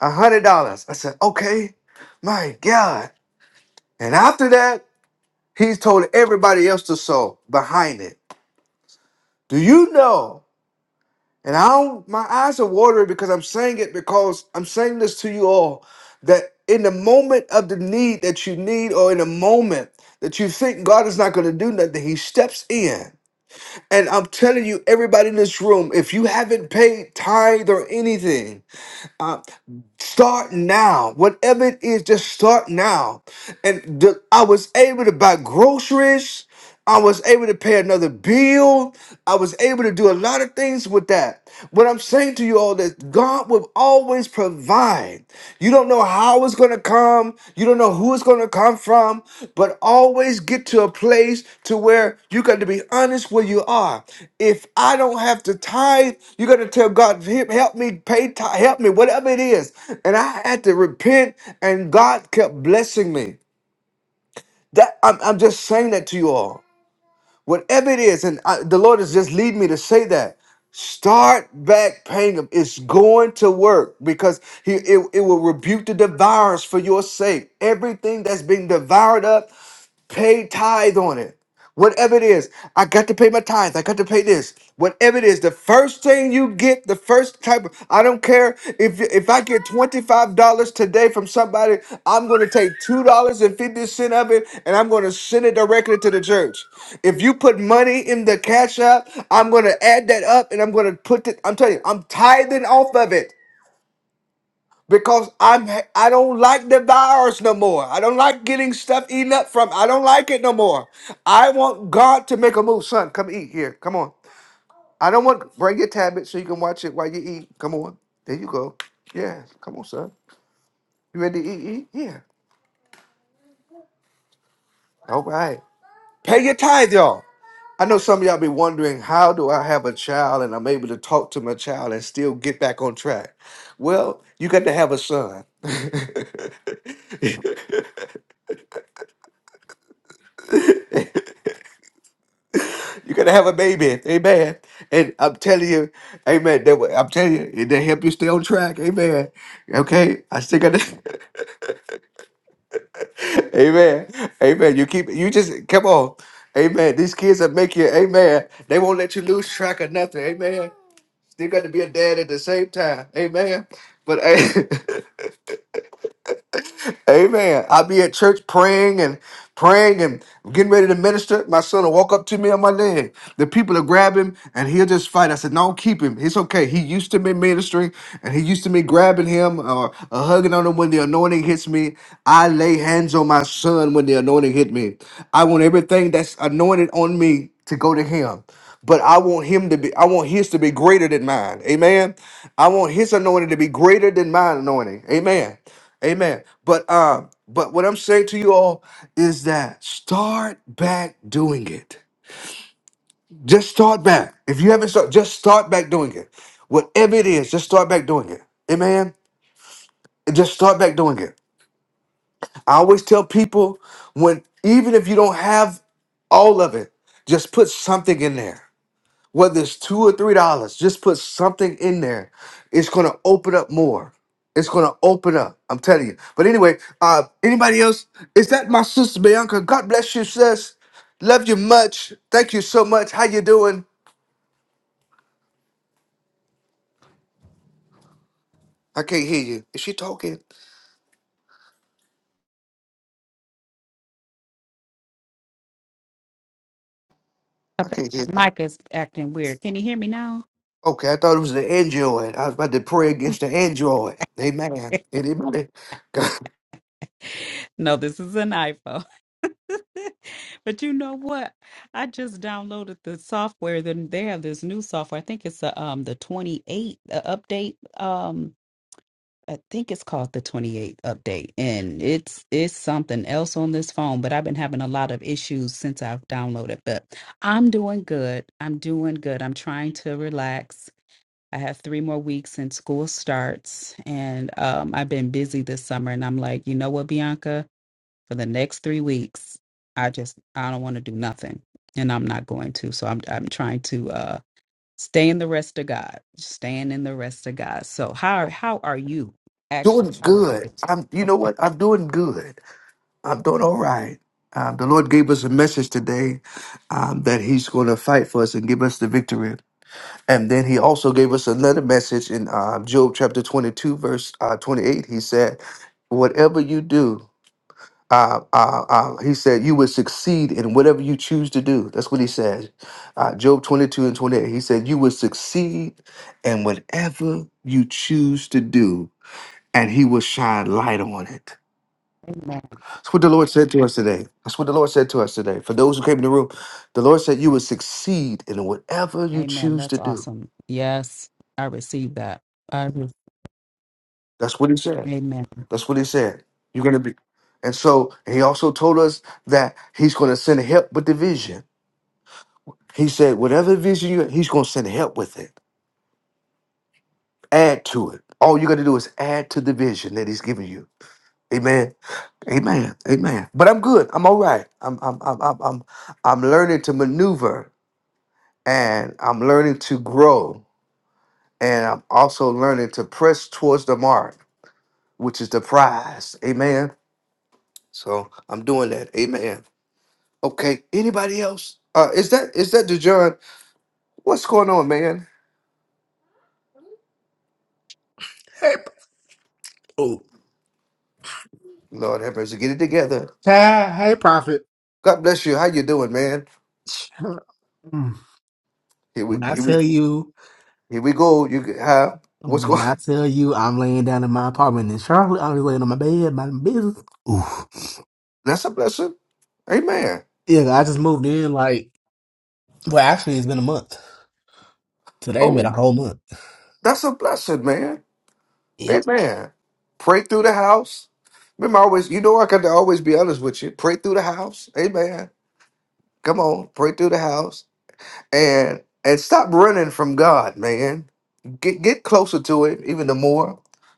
a hundred dollars. I said, Okay, my God. And after that, He's told everybody else to sow behind it. Do you know? And I don't, my eyes are watery because I'm saying it because I'm saying this to you all that in the moment of the need that you need, or in the moment that you think God is not going to do nothing, He steps in. And I'm telling you, everybody in this room, if you haven't paid tithe or anything, uh, start now. Whatever it is, just start now. And the, I was able to buy groceries. I was able to pay another bill. I was able to do a lot of things with that. What I'm saying to you all is God will always provide. You don't know how it's going to come. You don't know who it's going to come from, but always get to a place to where you got to be honest where you are. If I don't have to tithe, you got to tell God, "He- help me pay tithe, help me, whatever it is. And I had to repent and God kept blessing me. That I'm, I'm just saying that to you all whatever it is, and I, the Lord is just leading me to say that. Start back paying them. It's going to work because he, it, it will rebuke the devourers for your sake. Everything that's being devoured up, pay tithe on it. Whatever it is, I got to pay my tithes. I got to pay this. Whatever it is, the first thing you get, the first type of, I don't care if if I get $25 today from somebody, I'm going to take $2.50 of it and I'm going to send it directly to the church. If you put money in the cash app, I'm going to add that up and I'm going to put it, I'm telling you, I'm tithing off of it because I'm I don't like the virus no more. I don't like getting stuff eaten up from. I don't like it no more. I want God to make a move, son. Come eat here. Come on. I don't want bring your tablet so you can watch it while you eat. Come on. There you go. Yeah. Come on, son. You ready to eat? Eat. Yeah. All right. Pay your tithe, y'all. I know some of y'all be wondering how do I have a child and I'm able to talk to my child and still get back on track. Well, you got to have a son. You're gonna have a baby, amen. And I'm telling you, amen. That will, I'm telling you, it will help you stay on track, amen. Okay, I still gotta, amen, amen. You keep, you just come on, amen. These kids will make you, amen. They won't let you lose track of nothing, amen. Still got to be a dad at the same time, amen. But hey, Amen. I'll be at church praying and praying and getting ready to minister. My son will walk up to me on my leg. The people will grab him and he'll just fight. I said, No, keep him. It's okay. He used to me ministering and he used to me grabbing him or, or hugging on him when the anointing hits me. I lay hands on my son when the anointing hit me. I want everything that's anointed on me to go to him but I want him to be, I want his to be greater than mine. Amen. I want his anointing to be greater than my anointing. Amen. Amen. But um, but what I'm saying to you all is that start back doing it. Just start back. If you haven't started, just start back doing it. Whatever it is, just start back doing it. Amen. And Just start back doing it. I always tell people when even if you don't have all of it, just put something in there. whether it's two or three dollars, just put something in there. It's gonna open up more. It's gonna open up. I'm telling you. But anyway, uh, anybody else? Is that my sister Bianca? God bless you, sis. Love you much. Thank you so much. How you doing? I can't hear you. Is she talking? I can't hear.
Mike is acting weird. Can you hear me now?
Okay, I thought it was the Android. I was about to pray against the Android. Amen. Anybody?
No, this is an iPhone. but you know what? I just downloaded the software. Then they have this new software. I think it's a, um the 28 uh, update. Um, I think it's called the 28 update, and it's it's something else on this phone. But I've been having a lot of issues since I've downloaded. But I'm doing good. I'm doing good. I'm trying to relax I have three more weeks and school starts. And um, I've been busy this summer. And I'm like, you know what, Bianca? For the next three weeks, I just, I don't want to do nothing. And I'm not going to. So I'm, I'm trying to uh, stay in the rest of God, staying in the rest of God. So how, how are you actually?
doing
How are
good.
you?
I'm. You know
Okay.
what? I'm doing good. I'm doing all right. Um, the Lord gave us a message today um, that He's going to fight for us and give us the victory. And then He also gave us another message in um, Job chapter 22, verse uh, 28. He said, Whatever you do, uh, uh, uh, He said, you will succeed in whatever you choose to do. That's what He said. Uh, Job 22 and 28. He said, You will succeed in whatever you choose to do, and He will shine light on it.
Amen.
That's what the Lord said to us today. That's what the Lord said to us today. For those who came in the room, the Lord said you will succeed in whatever you
Amen.
choose to
That's
do.
awesome. Yes. I received that. I, re-
That's what He said.
amen.
That's what He said. You're going to be. And so He also told us that He's going to send help with the vision. He said, whatever vision you, He's going to send help with it. Add to it. All you got to do is add to the vision that He's giving you. Amen. Amen. Amen. But I'm good. I'm all right. I'm I'm I'm I'm I'm, I'm learning to maneuver and I'm learning to grow and I'm also learning to press towards the mark, which is the prize. Amen. So I'm doing that. Amen. Okay. Anybody else? Uh, is that is that DeJohn? What's going on, man?
Hey, oh,
Lord have mercy. Get it together.
ah, hey, prophet.
God bless you. How you doing, man?
Mm.
Here we
When I
here we,
tell you,
here we go. You g- how? What's
when
going?
I tell you, I'm laying down in my apartment in Charlotte. I'm just laying on my bed, minding my business. Ooh.
That's a blessing. Amen.
Yeah, I just moved in. Like, well, actually, it's been a month. Today made
Oh,
a whole month.
that's a blessing, man.
Yep.
Amen. Pray through the house. Remember, I always you know I can always be honest with you. Pray through the house. Amen. Come on, pray through the house and and stop running from God, man. Get get closer to him even the more.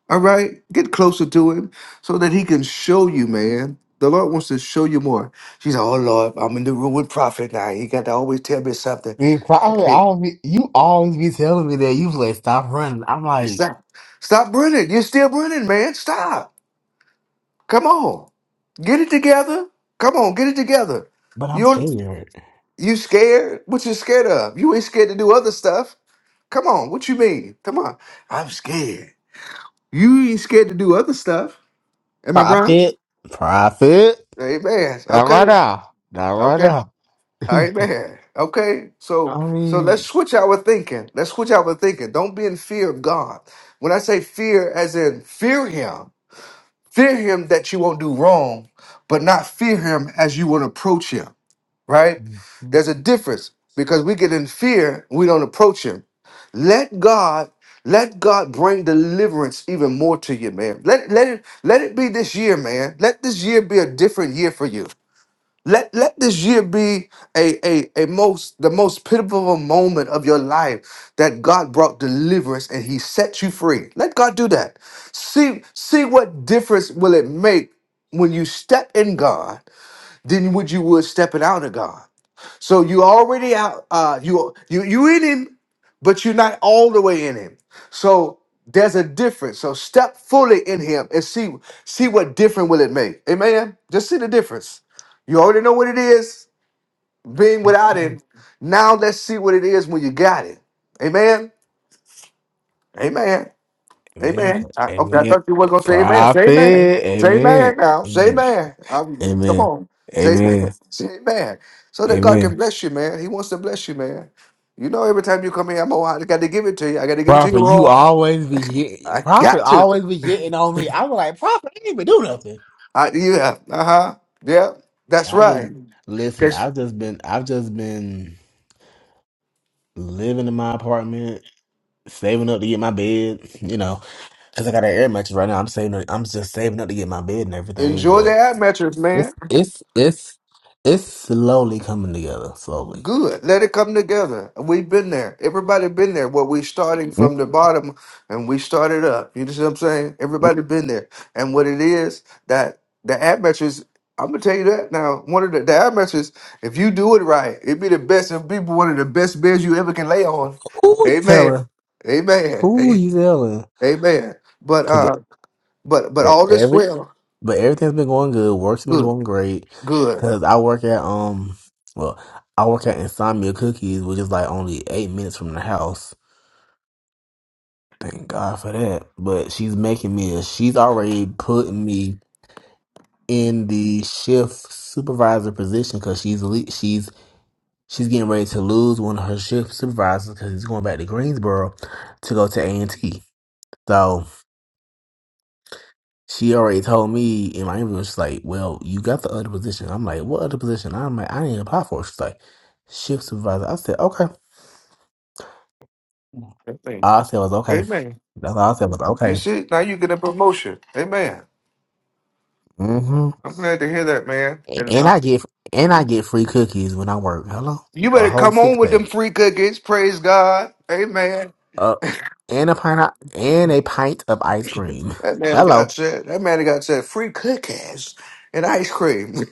All right? Get closer to him so that he can show you, man. The Lord wants to show you more. She's like, oh Lord, I'm in the room with prophet now. He got to always tell me something.
And prophet,
Hey,
I do be- you always be telling me that you was like stop running. I'm like,
stop. Stop running. You're still running, man. Stop. Come on. Get it together. Come on, get it together.
but I'm
You're
scared.
you scared? What you scared of? You ain't scared to do other stuff. Come on, what you mean? Come on. I'm scared. You ain't scared to do other stuff. Am I wrong?
Prophet, prophet,
Amen.
not right
Okay.
now, not
Okay.
right now.
Amen. Okay. So
I
so let's
mean.
switch our thinking. Let's switch our thinking. Don't be in fear of God. When I say fear, as in fear him, fear him that you won't do wrong, but not fear him as you will approach him, right? There's a difference because we get in fear, we don't approach him. Let God, let God bring deliverance even more to you, man. Let let it let it be this year, man. Let this year be a different year for you. Let let this year be a a, a most the most pivotal moment of your life that God brought deliverance and He set you free. Let God do that. See see what difference will it make when you step in God than what you would stepping out of God. So you already out. Uh, you you you in him, but you're not all the way in him. So there's a difference. So step fully in him and see see what difference will it make. Amen. Just see the difference. You already know what it is being without him. Now let's see what it is when you got it. Amen. Amen.
Amen.
Amen. I, okay, I
Amen.
thought you was gonna say amen. Say
Prophet.
amen. Say
Amen.
amen now. Say
Amen.
amen. I'm, come
Amen.
on. Say amen.
Amen.
Say amen. So that God can
Amen.
bless you, man. He wants to bless you, man. You know, every time you come here, I'm oh, I got to give it to you. I got to give it to you
Prophet, you
raw.
always be get-
I
prophet
got to.
always be getting on me. I was like, prophet, I ain't even do nothing.
I, yeah. Uh huh. Yeah. That's
I just
right.
listen.
'Cause
I've just been I've just been living in my apartment, saving up to get my bed. You know, because I got an air mattress right now. I'm saving. up- I'm just saving up to get my bed and everything.
enjoy the
But
ad mattress, man.
it's it's it's it's slowly coming together. Slowly.
Good. Let it come together. We've been there. Everybody been there. What we starting from the bottom and we started up. You know what I'm saying? Everybody been there. And what it is that the ad matches, I'm gonna tell you that now. One of the, the ad matches, if you do it right, it'd be the best and be one of the best beds you ever can lay on.
Who you
Amen.
telling?
Amen.
Who you telling?
Amen. But
Cause
uh but but
e-
all this
every
well.
but everything's been going good. Work's been
Good.
going great.
Good.
Cause I work at um well I work at Insomnia Cookies, which is like only eight minutes from the house. Thank God for that. But she's making me. She's already putting me in the shift supervisor position because she's le- she's she's getting ready to lose one of her shift supervisors because he's going back to Greensboro to go to A and T. So. She already told me in my interview, she's like, Well, you got the other position. I'm like, What other position? I'm like, I didn't apply for it. She's like, Shift supervisor. I said, Okay.
Amen.
All I said was okay.
Amen.
That's all I said was
You
okay.
see, now you get a promotion. Amen.
hmm
I'm glad to hear that, man. And
And
uh,
I get and I get free cookies when I work. Hello?
you
A
better
whole
come on
six
with
pack.
them free cookies. Praise God. Amen.
Uh and a pint of, and a pint of ice cream.
That man of God
Hello.
said, that man of God said, free cookies and ice cream.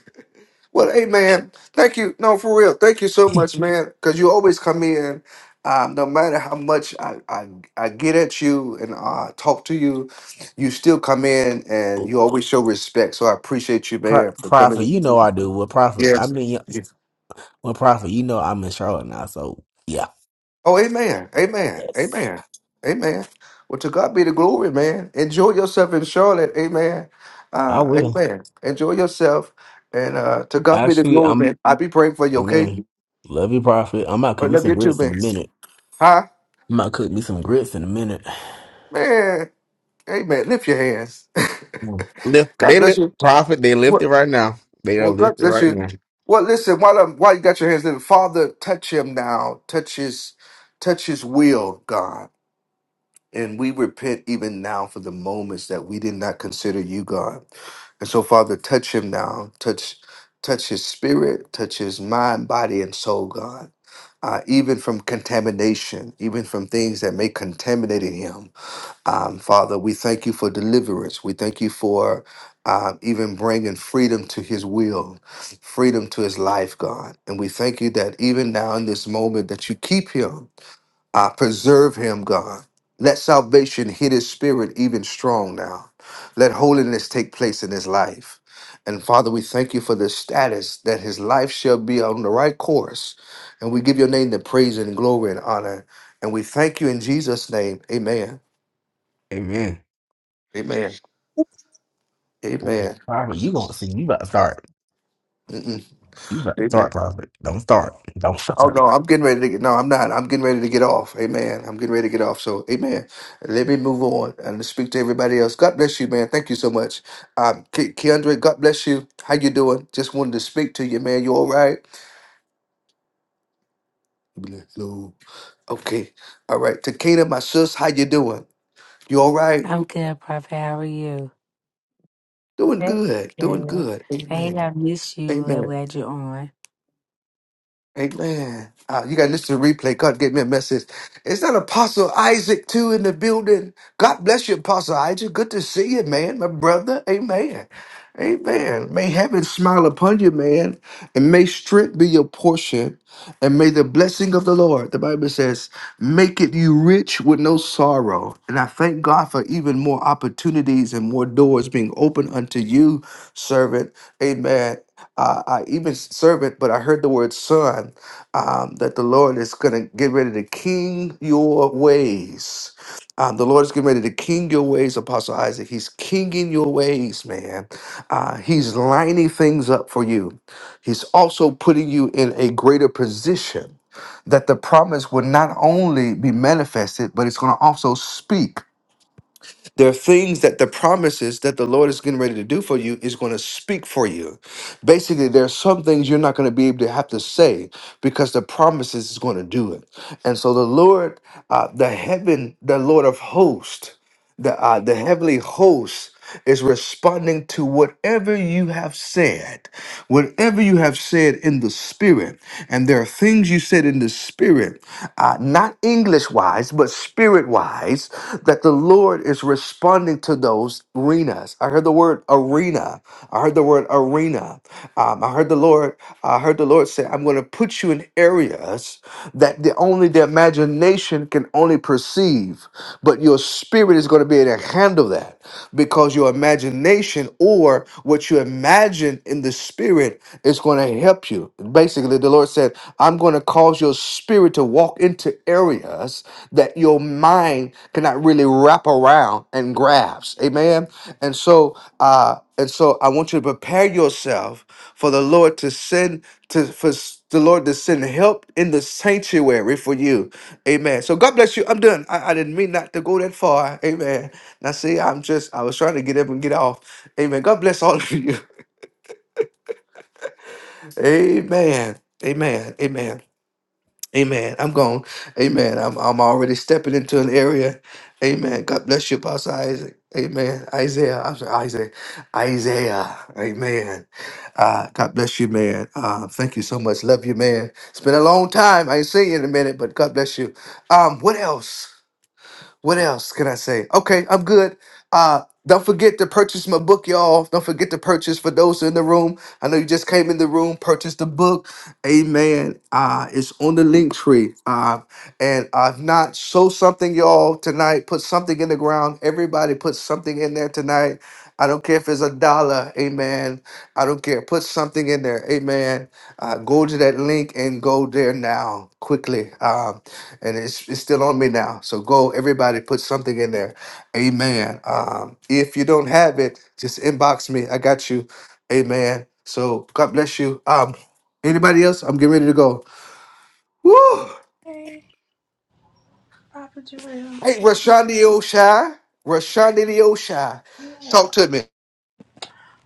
Well, hey, man, thank you. No, for real. Thank you so much, man, because you always come in. Um, no matter how much I, I, I get at you and uh, talk to you, you still come in and you always show respect. So I appreciate you,
Pro-
man, for coming
Prophet,
in.
you know I do. With profit. I
Yes.
mean, yeah, with profit. you know I'm in Charlotte now, so yeah.
Oh, amen. Amen.
Yes.
Amen. Amen. Well, to God be the glory, man. Enjoy yourself in Charlotte. Amen.
I
Uh,
will.
amen. Enjoy yourself. And uh, to God be the
Actually,
glory,
I'm
man. I be praying for you,
oh,
okay?
man. Love you, Prophet. I'm about to
I
cook me
love
some
you too,
grits in
man.
a minute.
Huh?
I'm about to cook me some grits in a minute.
Man. Amen. Lift your hands.
Mm. Lift,
God
they
bless
lift
you.
profit. They lift
Well,
it right now. They are
well, God
lifted
bless
right
you.
now.
Well, listen, while, I'm, while you got your hands lifted, Father, touch him now. Touch his, touch his will, God. And we repent even now for the moments that we did not consider you, God. And so, Father, touch him now. Touch, touch his spirit, touch his mind, body, and soul, God. Uh, even from contamination, even from things that may contaminate in him. Um, Father, we thank you for deliverance. We thank you for um, even bringing freedom to his will, freedom to his life, God. And we thank you that even now in this moment that you keep him I preserve him, God. Let salvation hit his spirit even strong now. Let holiness take place in his life. And Father, we thank you for the status that his life shall be on the right course. And we give your name the praise and glory and honor. And we thank you in Jesus' name. Amen.
Amen.
Amen.
Ooh,
Amen.
Prophet, you gonna see? You about to start.
Mm-mm.
You about to
Amen.
start, prophet. Don't start. Don't
Oh
start.
no, I'm getting ready to get. No, I'm not. I'm getting ready to get off. Amen. I'm getting ready to get off. So, amen. Let me move on and speak to everybody else. God bless you, man. Thank you so much. Um, Ke- Keandre, God bless you. How you doing? Just wanted to speak to you, man. You all right? Hello. Okay. All right. Takeda, my sis, how you doing? You all right?
I'm good, Prophet. How are you?
Doing
Good.
good. Doing
Good.
good.
Hey,
Amen.
I miss you. We're
Amen.
glad you're on.
Amen. Uh, you got to listen to the replay. God gave me a message. Is that Apostle Isaac too in the building? God bless you, Apostle Isaac. Good to see you, man, my brother. Amen. Amen. May heaven smile upon you, man, and may strength be your portion, and may the blessing of the Lord, the Bible says, make it you rich with no sorrow. And I thank God for even more opportunities and more doors being opened unto you, servant. Amen. Uh, I even servant, but I heard the word son, um, that the Lord is going to get ready to king your ways. Um, the Lord is getting ready to king your ways, Apostle Isaac. He's kinging your ways, man. Uh, he's lining things up for you. He's also putting you in a greater position that the promise will not only be manifested, but it's going to also speak. There are things that the promises that the Lord is getting ready to do for you is going to speak for you. Basically, there are some things you're not going to be able to have to say because the promises is going to do it. And so the Lord, uh, the heaven, the Lord of hosts the uh, the heavenly host is responding to whatever you have said whatever you have said in the spirit and there are things you said in the spirit uh, not english wise but spirit wise that the lord is responding to those arenas i heard the word arena i heard the word arena Um, I I heard the Lord, I heard the Lord say, I'm going to put you in areas that the only the imagination can only perceive, but your spirit is going to be able to handle that because your imagination or what you imagine in the spirit is going to help you. Basically, the Lord said, I'm going to cause your spirit to walk into areas that your mind cannot really wrap around and grasp. Amen. And so, uh, and so I want you to prepare yourself for the Lord to send to for s- the Lord to send help in the sanctuary for you. Amen. So God bless you. I'm done. I, I didn't mean not to go that far. Amen. Now see, I'm just I was trying to get up and get off. Amen. God bless all of you. Amen. Amen. Amen. Amen. I'm gone. Amen. I'm I'm already stepping into an area. Amen. God bless you, Pastor Isaac. Amen. Isaiah. I'm sorry, Isaac. Isaiah. Amen. Uh, God bless you, man. Uh, thank you so much. Love you, man. It's been a long time. I ain't seen you in a minute, but God bless you. Um, what else? What else can I say? Okay, I'm good. Uh, don't forget to purchase my book, y'all. Don't forget to purchase for those in the room. I know you just came in the room, purchase the book. Amen. Uh, it's on the link tree. Uh, and I've not sow something, y'all, tonight. Put something in the ground. Everybody put something in there tonight. I don't care if it's a dollar, amen. I don't care. Put something in there, amen. Uh, go to that link and go there now quickly. Um and it's, it's still on me now. So go, everybody, put something in there. Amen. Um, if you don't have it, just inbox me. I got you. Amen. So God bless you. Um, anybody else? I'm getting ready to go. Woo!
Hey, Papa Jarrell.
Hey, Rashandi Oshai, Rashandi the Oshai,
Yeah.
talk to me.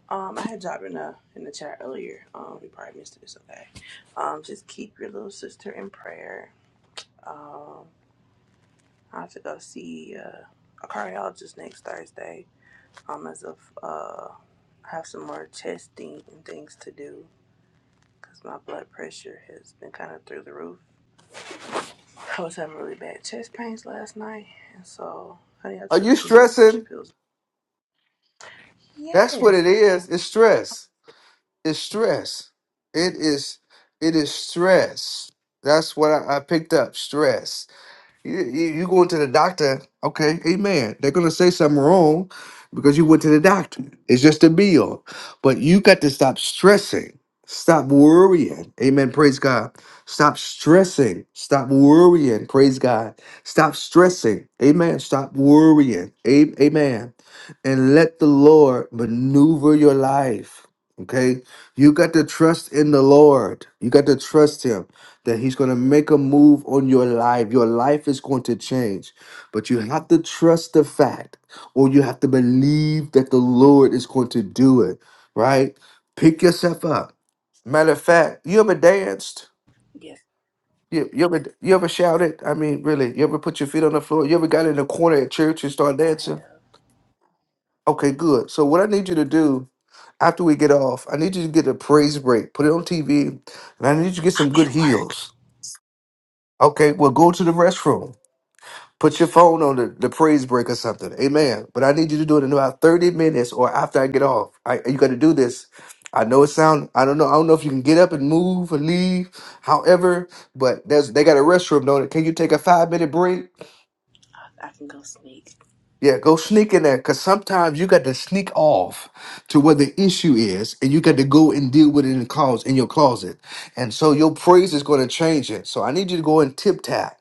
Um, I had dropped in the in the chat earlier. Um, you probably missed it. It's okay. Um, just keep your little sister in prayer. Um, I have to go see uh, a cardiologist next Thursday. Um, as of uh, I have some more testing and things to do because my blood pressure has been kind of through the roof. I was having really bad chest pains last night, and so honey, I
Are
took
you
two blood pressure
stressing?
pills.
That's what
Yes,
it
I
is.
am.
It's stress. It's stress. It is. It is stress. That's what I, I picked up. Stress You, you you going to the doctor? Okay, amen. They're gonna say something wrong because you went to the doctor. It's just a bill, but you got to stop stressing, stop worrying. Amen. Praise God. Stop stressing. Stop worrying. Praise God. Stop stressing. Amen. Stop worrying. A- Amen. And let the Lord maneuver your life. Okay. You got to trust in the Lord. You got to trust Him that he's going to make a move on your life. Your life is going to change. But you have to trust the fact or you have to believe that the Lord is going to do it, right? Pick yourself up. Matter of fact, you ever danced?
Yes,
You, you ever you ever shouted? I mean, really, you ever put your feet on the floor? You ever got in the corner at church and start
I
dancing?
have.
Okay, good. So what I need you to do after we get off, I need you to get a praise break, put it on TV, and I need you to get some
I'm
good
at work.
heels. Okay, well, go to the restroom Put your phone on the, the praise break or something. Amen. But I need you to do it in about 30 minutes or after I get off. I, you got to do this. I know it sound I don't know. I don't know if you can get up and move or leave. However, but there's they got a restroom, don't it? Can you take a five minute break?
I can go sneak.
Yeah, go sneak in there because sometimes you got to sneak off to where the issue is and you got to go and deal with it in the closet, in your closet. And so your praise is going to change it. So I need you to go and tip tap.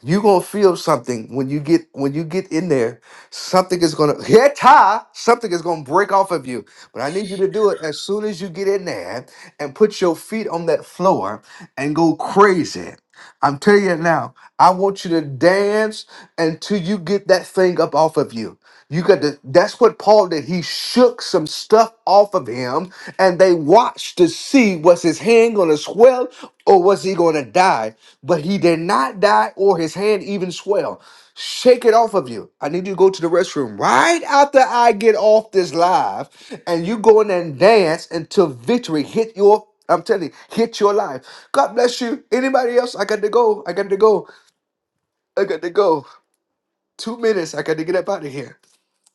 You're gonna feel something when you get when you get in there, something is gonna hit high, something is gonna break off of you. But I need you to do it as soon as you get in there and put your feet on that floor and go crazy. I'm telling you now. I want you to dance until you get that thing up off of you. You got to, that's what Paul did. He shook some stuff off of him and they watched to see was his hand going to swell or was he going to die? But he did not die or his hand even swell. Shake it off of you. I need you to go to the restroom right after I get off this live and you go in there and dance until victory hit your I'm telling you, hit your life. God bless you. Anybody else? I got to go. I got to go. I got to go. Two minutes. I got to get up out of here.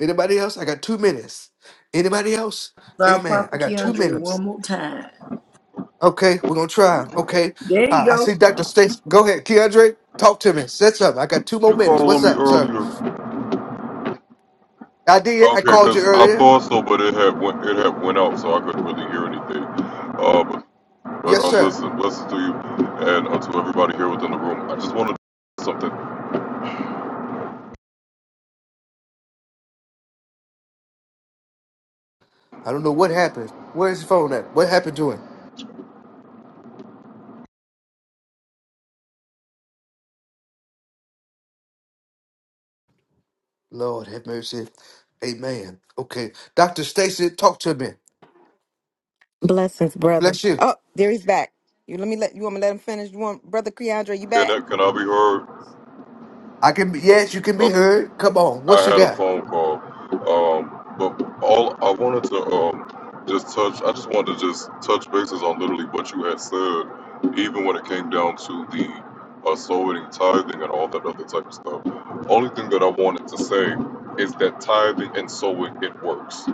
Anybody else? I got two minutes. Anybody else?
Sorry,
Amen. I
Prophet
got two
Keandre,
minutes.
one more time.
Okay, we're gonna try. Okay.
There you
Uh, I
go.
see Dr. Stacy. Go ahead, Keandre. Talk to me. Set something. I got two more
You called
minutes.
on
What's
me
up, sir?
earlier.
I did. I
Okay,
called you
because I
earlier.
thought so, but it had went it had went out, so I couldn't really hear anything. Uh, but but
Yes,
um,
sir.
listen, blessings to you, and uh, to everybody here within the room. I just want to do something.
I don't know what happened. Where's the phone at? What happened to him? Lord have mercy. Amen. Okay. Dr. Stacy, talk to me.
Blessings, brother.
Bless you.
Oh, there he's back. You let me let you want me to let him finish. You want brother Keandre, you
Can
back?
I, can I be heard?
I can be yes, you can be heard. Come on.
I
What you
had a
got?
phone call, um, but all I wanted to um, just touch, I just wanted to just touch bases on literally what you had said, even when it came down to the uh, sowing, tithing, and all that other type of stuff. Only thing that I wanted to say is that tithing and sowing it works,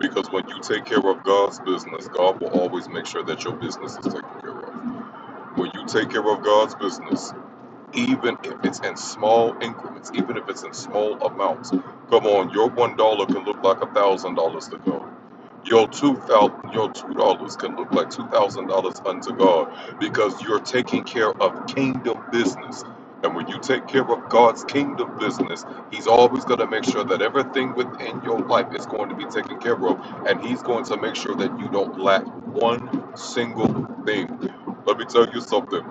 because when you take care of God's business, God will always make sure that your business is taken care of. When you take care of God's business, even if it's in small increments, even if it's in small amounts. Come on, your one dollar can look like a thousand dollars to go. Your two thousand, your two dollars can look like two thousand dollars unto God because you're taking care of kingdom business. And when you take care of God's kingdom business, He's always going to make sure that everything within your life is going to be taken care of. And He's going to make sure that you don't lack one single thing. Let me tell you something.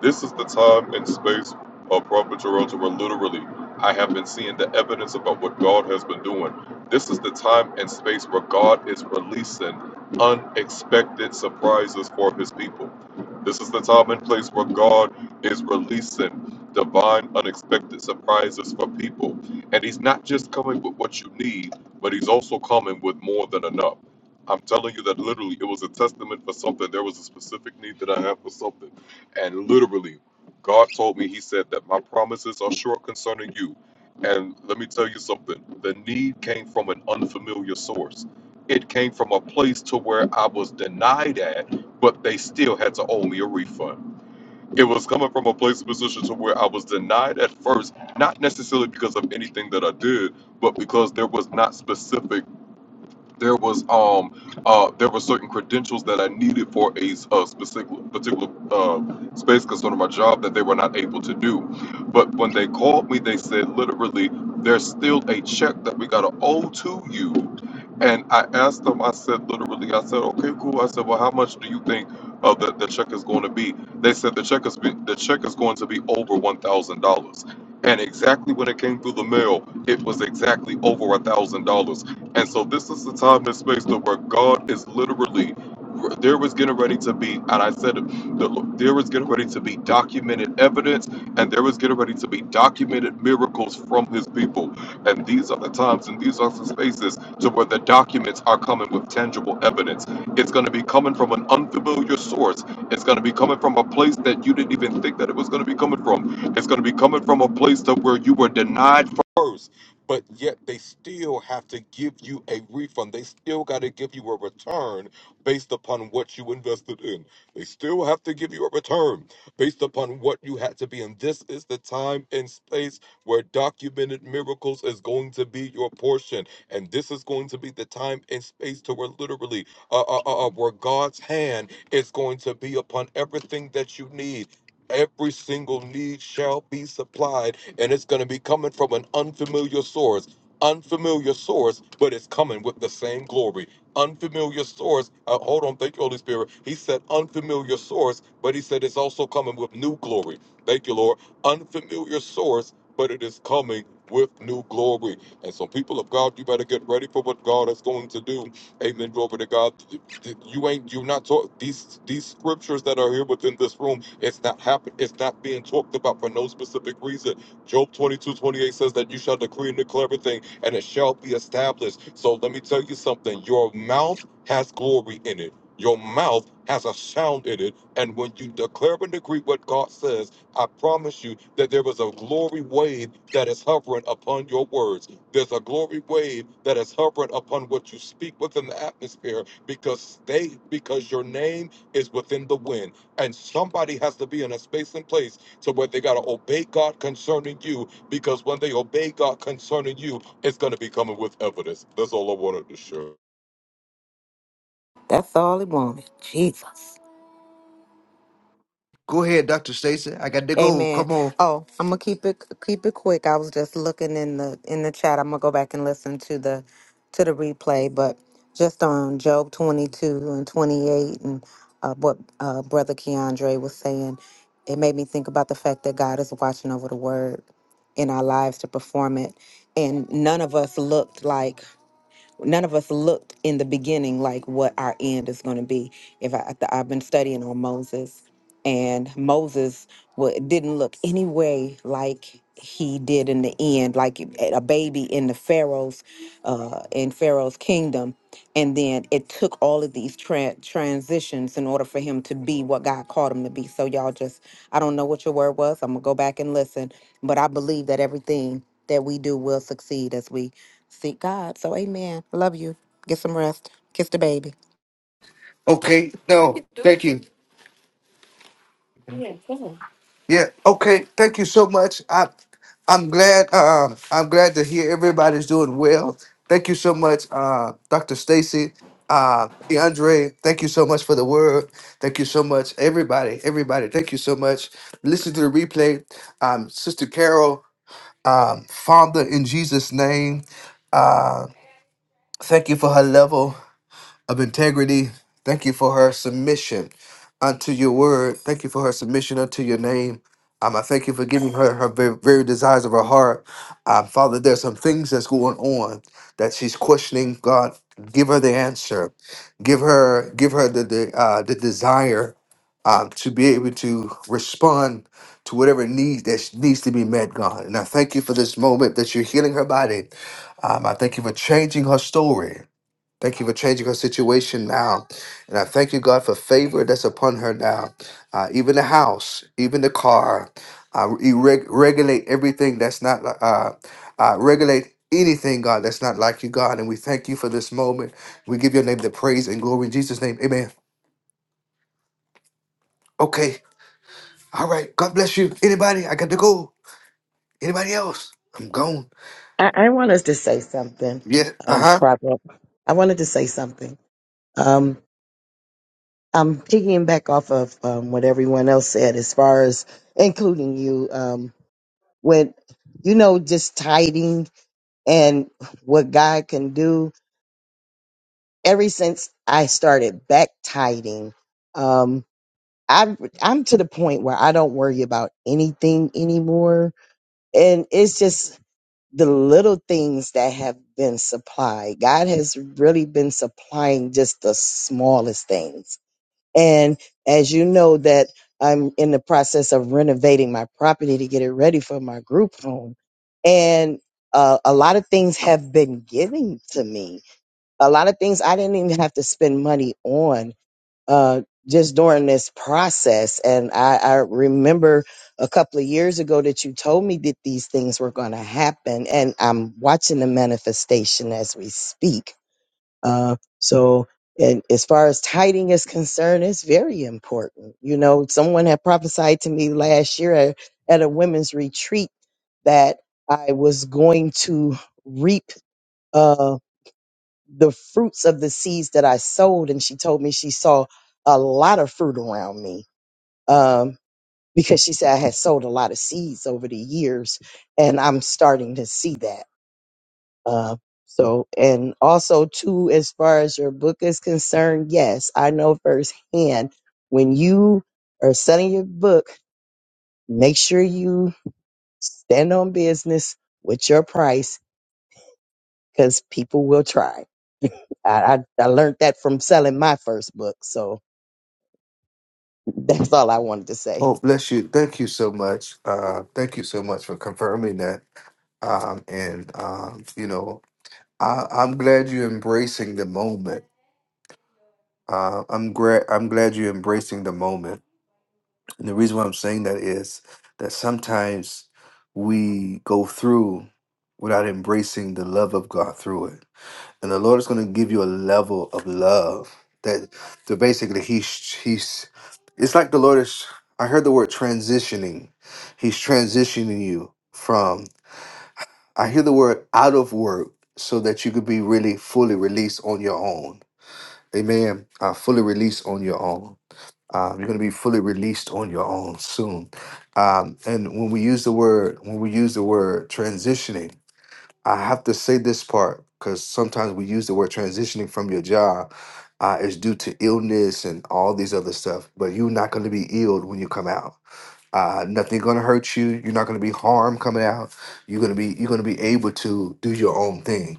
This is the time and space of Prophet Toronto where literally I have been seeing the evidence about what God has been doing. This is the time and space where God is releasing unexpected surprises for his people. This is the time and place where God is releasing divine unexpected surprises for people. And he's not just coming with what you need, but he's also coming with more than enough. I'm telling you that literally it was a testament for something. There was a specific need that I had for something. And literally, God told me, He said that my promises are short concerning you, and let me tell you something the need came from an unfamiliar source. It came from a place to where I was denied at, but they still had to owe me a refund. It was coming from a place of position to where I was denied at first, not necessarily because of anything that I did, but because there was not specific there was um uh there were certain credentials that I needed for a, s- a specific particular uh, space concern of my job that they were not able to do. But when they called me, they said literally, there's still a check that we gotta owe to you. And I asked them, I said literally, I said, okay, cool. I said, well, how much do you think uh, the, the check is going to be? They said the check is be, the check is going to be over one thousand dollars. And exactly when it came through the mail, it was exactly over a thousand dollars and so this is the time and space to where God is literally there was getting ready to be, and I said it, the, there was getting ready to be documented evidence, and there was getting ready to be documented miracles from His people. And these are the times, and these are the spaces to where the documents are coming with tangible evidence. It's going to be coming from an unfamiliar source. It's going to be coming from a place that you didn't even think that it was going to be coming from. It's going to be coming from a place to where you were denied first but yet they still have to give you a refund. They still got to give you a return based upon what you invested in. They still have to give you a return based upon what you had to be. in. this is the time and space where documented miracles is going to be your portion. And this is going to be the time and space to where literally, uh, uh, uh, uh, where God's hand is going to be upon everything that you need. Every single need shall be supplied and it's going to be coming from an unfamiliar source. Unfamiliar source, but it's coming with the same glory. Unfamiliar source. Uh, hold on, thank you, Holy Spirit. He said unfamiliar source, but he said it's also coming with new glory. Thank you, Lord. Unfamiliar source, but it is coming with new glory. And so, people of God, you better get ready for what God is going to do. Amen. Glory to God. You ain't you're not taught these these scriptures that are here within this room. It's not happening. It's not being talked about for no specific reason Job 22 28 says that you shall decree and declare everything, and it shall be established. So let me tell you something your mouth has glory in it, your mouth has a sound in it. And when you declare and decree what God says, I promise you that there is a glory wave that is hovering upon your words. There's a glory wave that is hovering upon what you speak within the atmosphere because they because your name is within the wind. And somebody has to be in a space and place to where they got to obey God concerning you because when they obey God concerning you, it's going to be coming with evidence. That's all I wanted to share.
That's all he wanted. Jesus.
Go ahead, Dr. Stacy. I got to go.
Amen.
Come on.
Oh, I'm gonna keep it keep it quick. I was just looking in the in the chat. I'm gonna go back and listen to the to the replay, but just on Job 22 and 28 and uh, what uh, brother Keandre was saying, it made me think about the fact that God is watching over the word in our lives to perform it, and none of us looked like none of us looked in the beginning like what our end is going to be. If I, I- I've been studying on Moses, and Moses wa didn't look any way like he did in the end, like a baby in the Pharaoh's, uh, in Pharaoh's kingdom and then it took all of these tra- transitions in order for him to be what God called him to be. So y'all just, I don't know what your word was. I'm gonna go back and listen, but I believe that everything that we do will succeed as we seek God. So Amen. Love you. Get some rest. Kiss the baby.
Okay. No, thank you. Yeah. Okay. Thank you so much. I, I'm glad. Uh, I'm glad to hear everybody's doing well. Thank you so much, uh, Dr. Stacy. Uh, DeAndre, thank you so much for the word. Thank you so much, everybody. Everybody, thank you so much. Listen to the replay. Um, Sister Carol, um, Father, in Jesus' name, uh, thank you for her level. of integrity. Thank you for her submission unto your word. Thank you for her submission unto your name. Um, I thank you for giving her her very, very desires of her heart. Um, Father, there's some things that's going on that she's questioning. God, give her the answer. Give her, give her the the, uh, the desire um, to be able to respond to whatever needs that sh- needs to be met, God. And I thank you for this moment that you're healing her body. Um, I thank you for changing her story. Thank you for changing her situation now. And I thank you, God, for favor that's upon her now. Uh, even the house, even the car. Uh, you reg- regulate everything that's not, li- uh, uh, regulate anything, God, that's not like you, God. And we thank you for this moment. We give your name the praise and glory in Jesus' name. Amen. Okay. All right. God bless you. Anybody? I got to go. Anybody else? I'm gone.
I, I want us to say something,
Yeah. Uh
um,
huh.
Prophet. I wanted to say something. Um, I'm piggying back off of um, what everyone else said, as far as including you. Um, when you know, just tiding and what God can do. Ever since I started back tiding, um, I I'm to the point where I don't worry about anything anymore and it's just the little things that have been supplied. God has really been supplying just the smallest things. And as you know that I'm in the process of renovating my property to get it ready for my group home. And uh, a lot of things have been given to me. A lot of things I didn't even have to spend money on uh, just during this process. And I, I remember a couple of years ago that you told me that these things were going to happen, and I'm watching the manifestation as we speak. Uh, so, and as far as tiding is concerned, it's very important. You know, someone had prophesied to me last year at, at a women's retreat that I was going to reap. Uh, the fruits of the seeds that I sowed. And she told me she saw a lot of fruit around me um, because she said I had sold a lot of seeds over the years, and I'm starting to see that. Uh, so, and also, too, as far as your book is concerned, yes, I know firsthand when you are selling your book, make sure you stand on business with your price because people will try. I, I, I learned that from selling my first book. So that's all I wanted to say.
Oh, bless you. Thank you so much. Uh, thank you so much for confirming that. Um, and um, you know, I, I'm glad you're embracing the moment. Uh, I'm glad I'm glad you're embracing the moment. And the reason why I'm saying that is that sometimes we go through without embracing the love of God through it and the Lord is going to give you a level of love that to basically he's he's it's like the Lord is I heard the word transitioning. He's transitioning you from I hear the word out of work so that you could be really fully released on your own. Amen. Uh, fully released on your own. Um, you're going to be fully released on your own soon. Um, and when we use the word, when we use the word transitioning, I have to say this part because sometimes we use the word transitioning from your job uh, is due to illness and all these other stuff. But you're not going to be ill when you come out. Uh, nothing going to hurt you. You're not going to be harmed coming out. You're going to be you're going to be able to do your own thing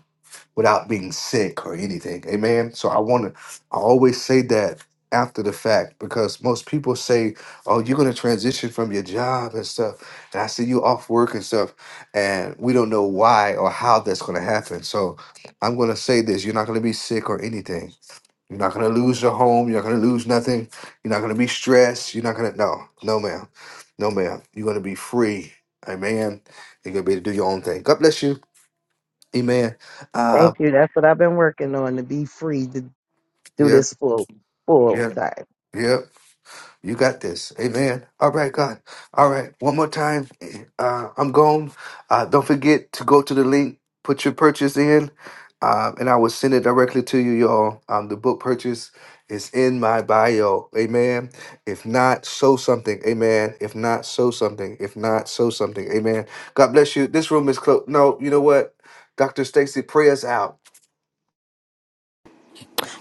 without being sick or anything. Amen. So I want to I always say that after the fact because most people say, "Oh, you're going to transition from your job and stuff." And I see you off work and stuff, and we don't know why or how that's going to happen. So I'm going to say this, you're not going to be sick or anything. You're not going to lose your home, you're not going to lose nothing. You're not going to be stressed. You're not going to no. No, ma'am. No, ma'am. You're going to be free. Amen. You're going to be able to do your own thing. God bless you. Amen. Uh,
Thank you. That's what I've been working on to be free to do
yeah.
this full full
Yeah,
time.
yeah. You got this. Amen. All right, God. All right. One more time. Uh, I'm gone. Uh, don't forget to go to the link, put your purchase in, uh, and I will send it directly to you, y'all. Um, the book purchase is in my bio. Amen. If not, sow something. Amen. If not, sow something. If not, sow something. Amen. God bless you. This room is closed. No, you know what? Dr. Stacy, pray us out.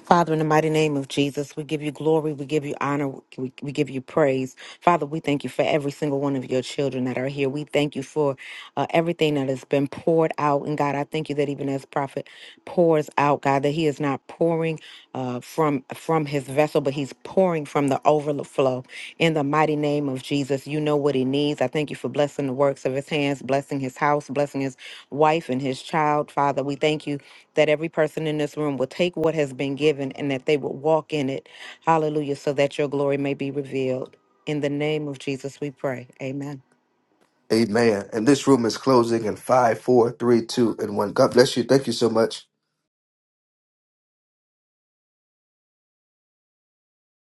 Father, in the mighty name of Jesus, we give you glory, we give you honor, we, we give you praise. Father, we thank you for every single one of your children that are here. We thank you for uh, everything that has been poured out. And God, I thank you that even as prophet pours out, God, that he is not pouring uh, from from his vessel, but he's pouring from the overflow overflow in the mighty name of Jesus. You know what he needs. I thank you for blessing the works of his hands, blessing his house, blessing his wife and his child. Father, we thank you that every person in this room will take what has been given and that they will walk in it. Hallelujah. So that your glory may be revealed. In the name of Jesus, we pray. Amen.
Amen. And this room is closing in five, four, three, two, and one. God bless you. Thank you so much.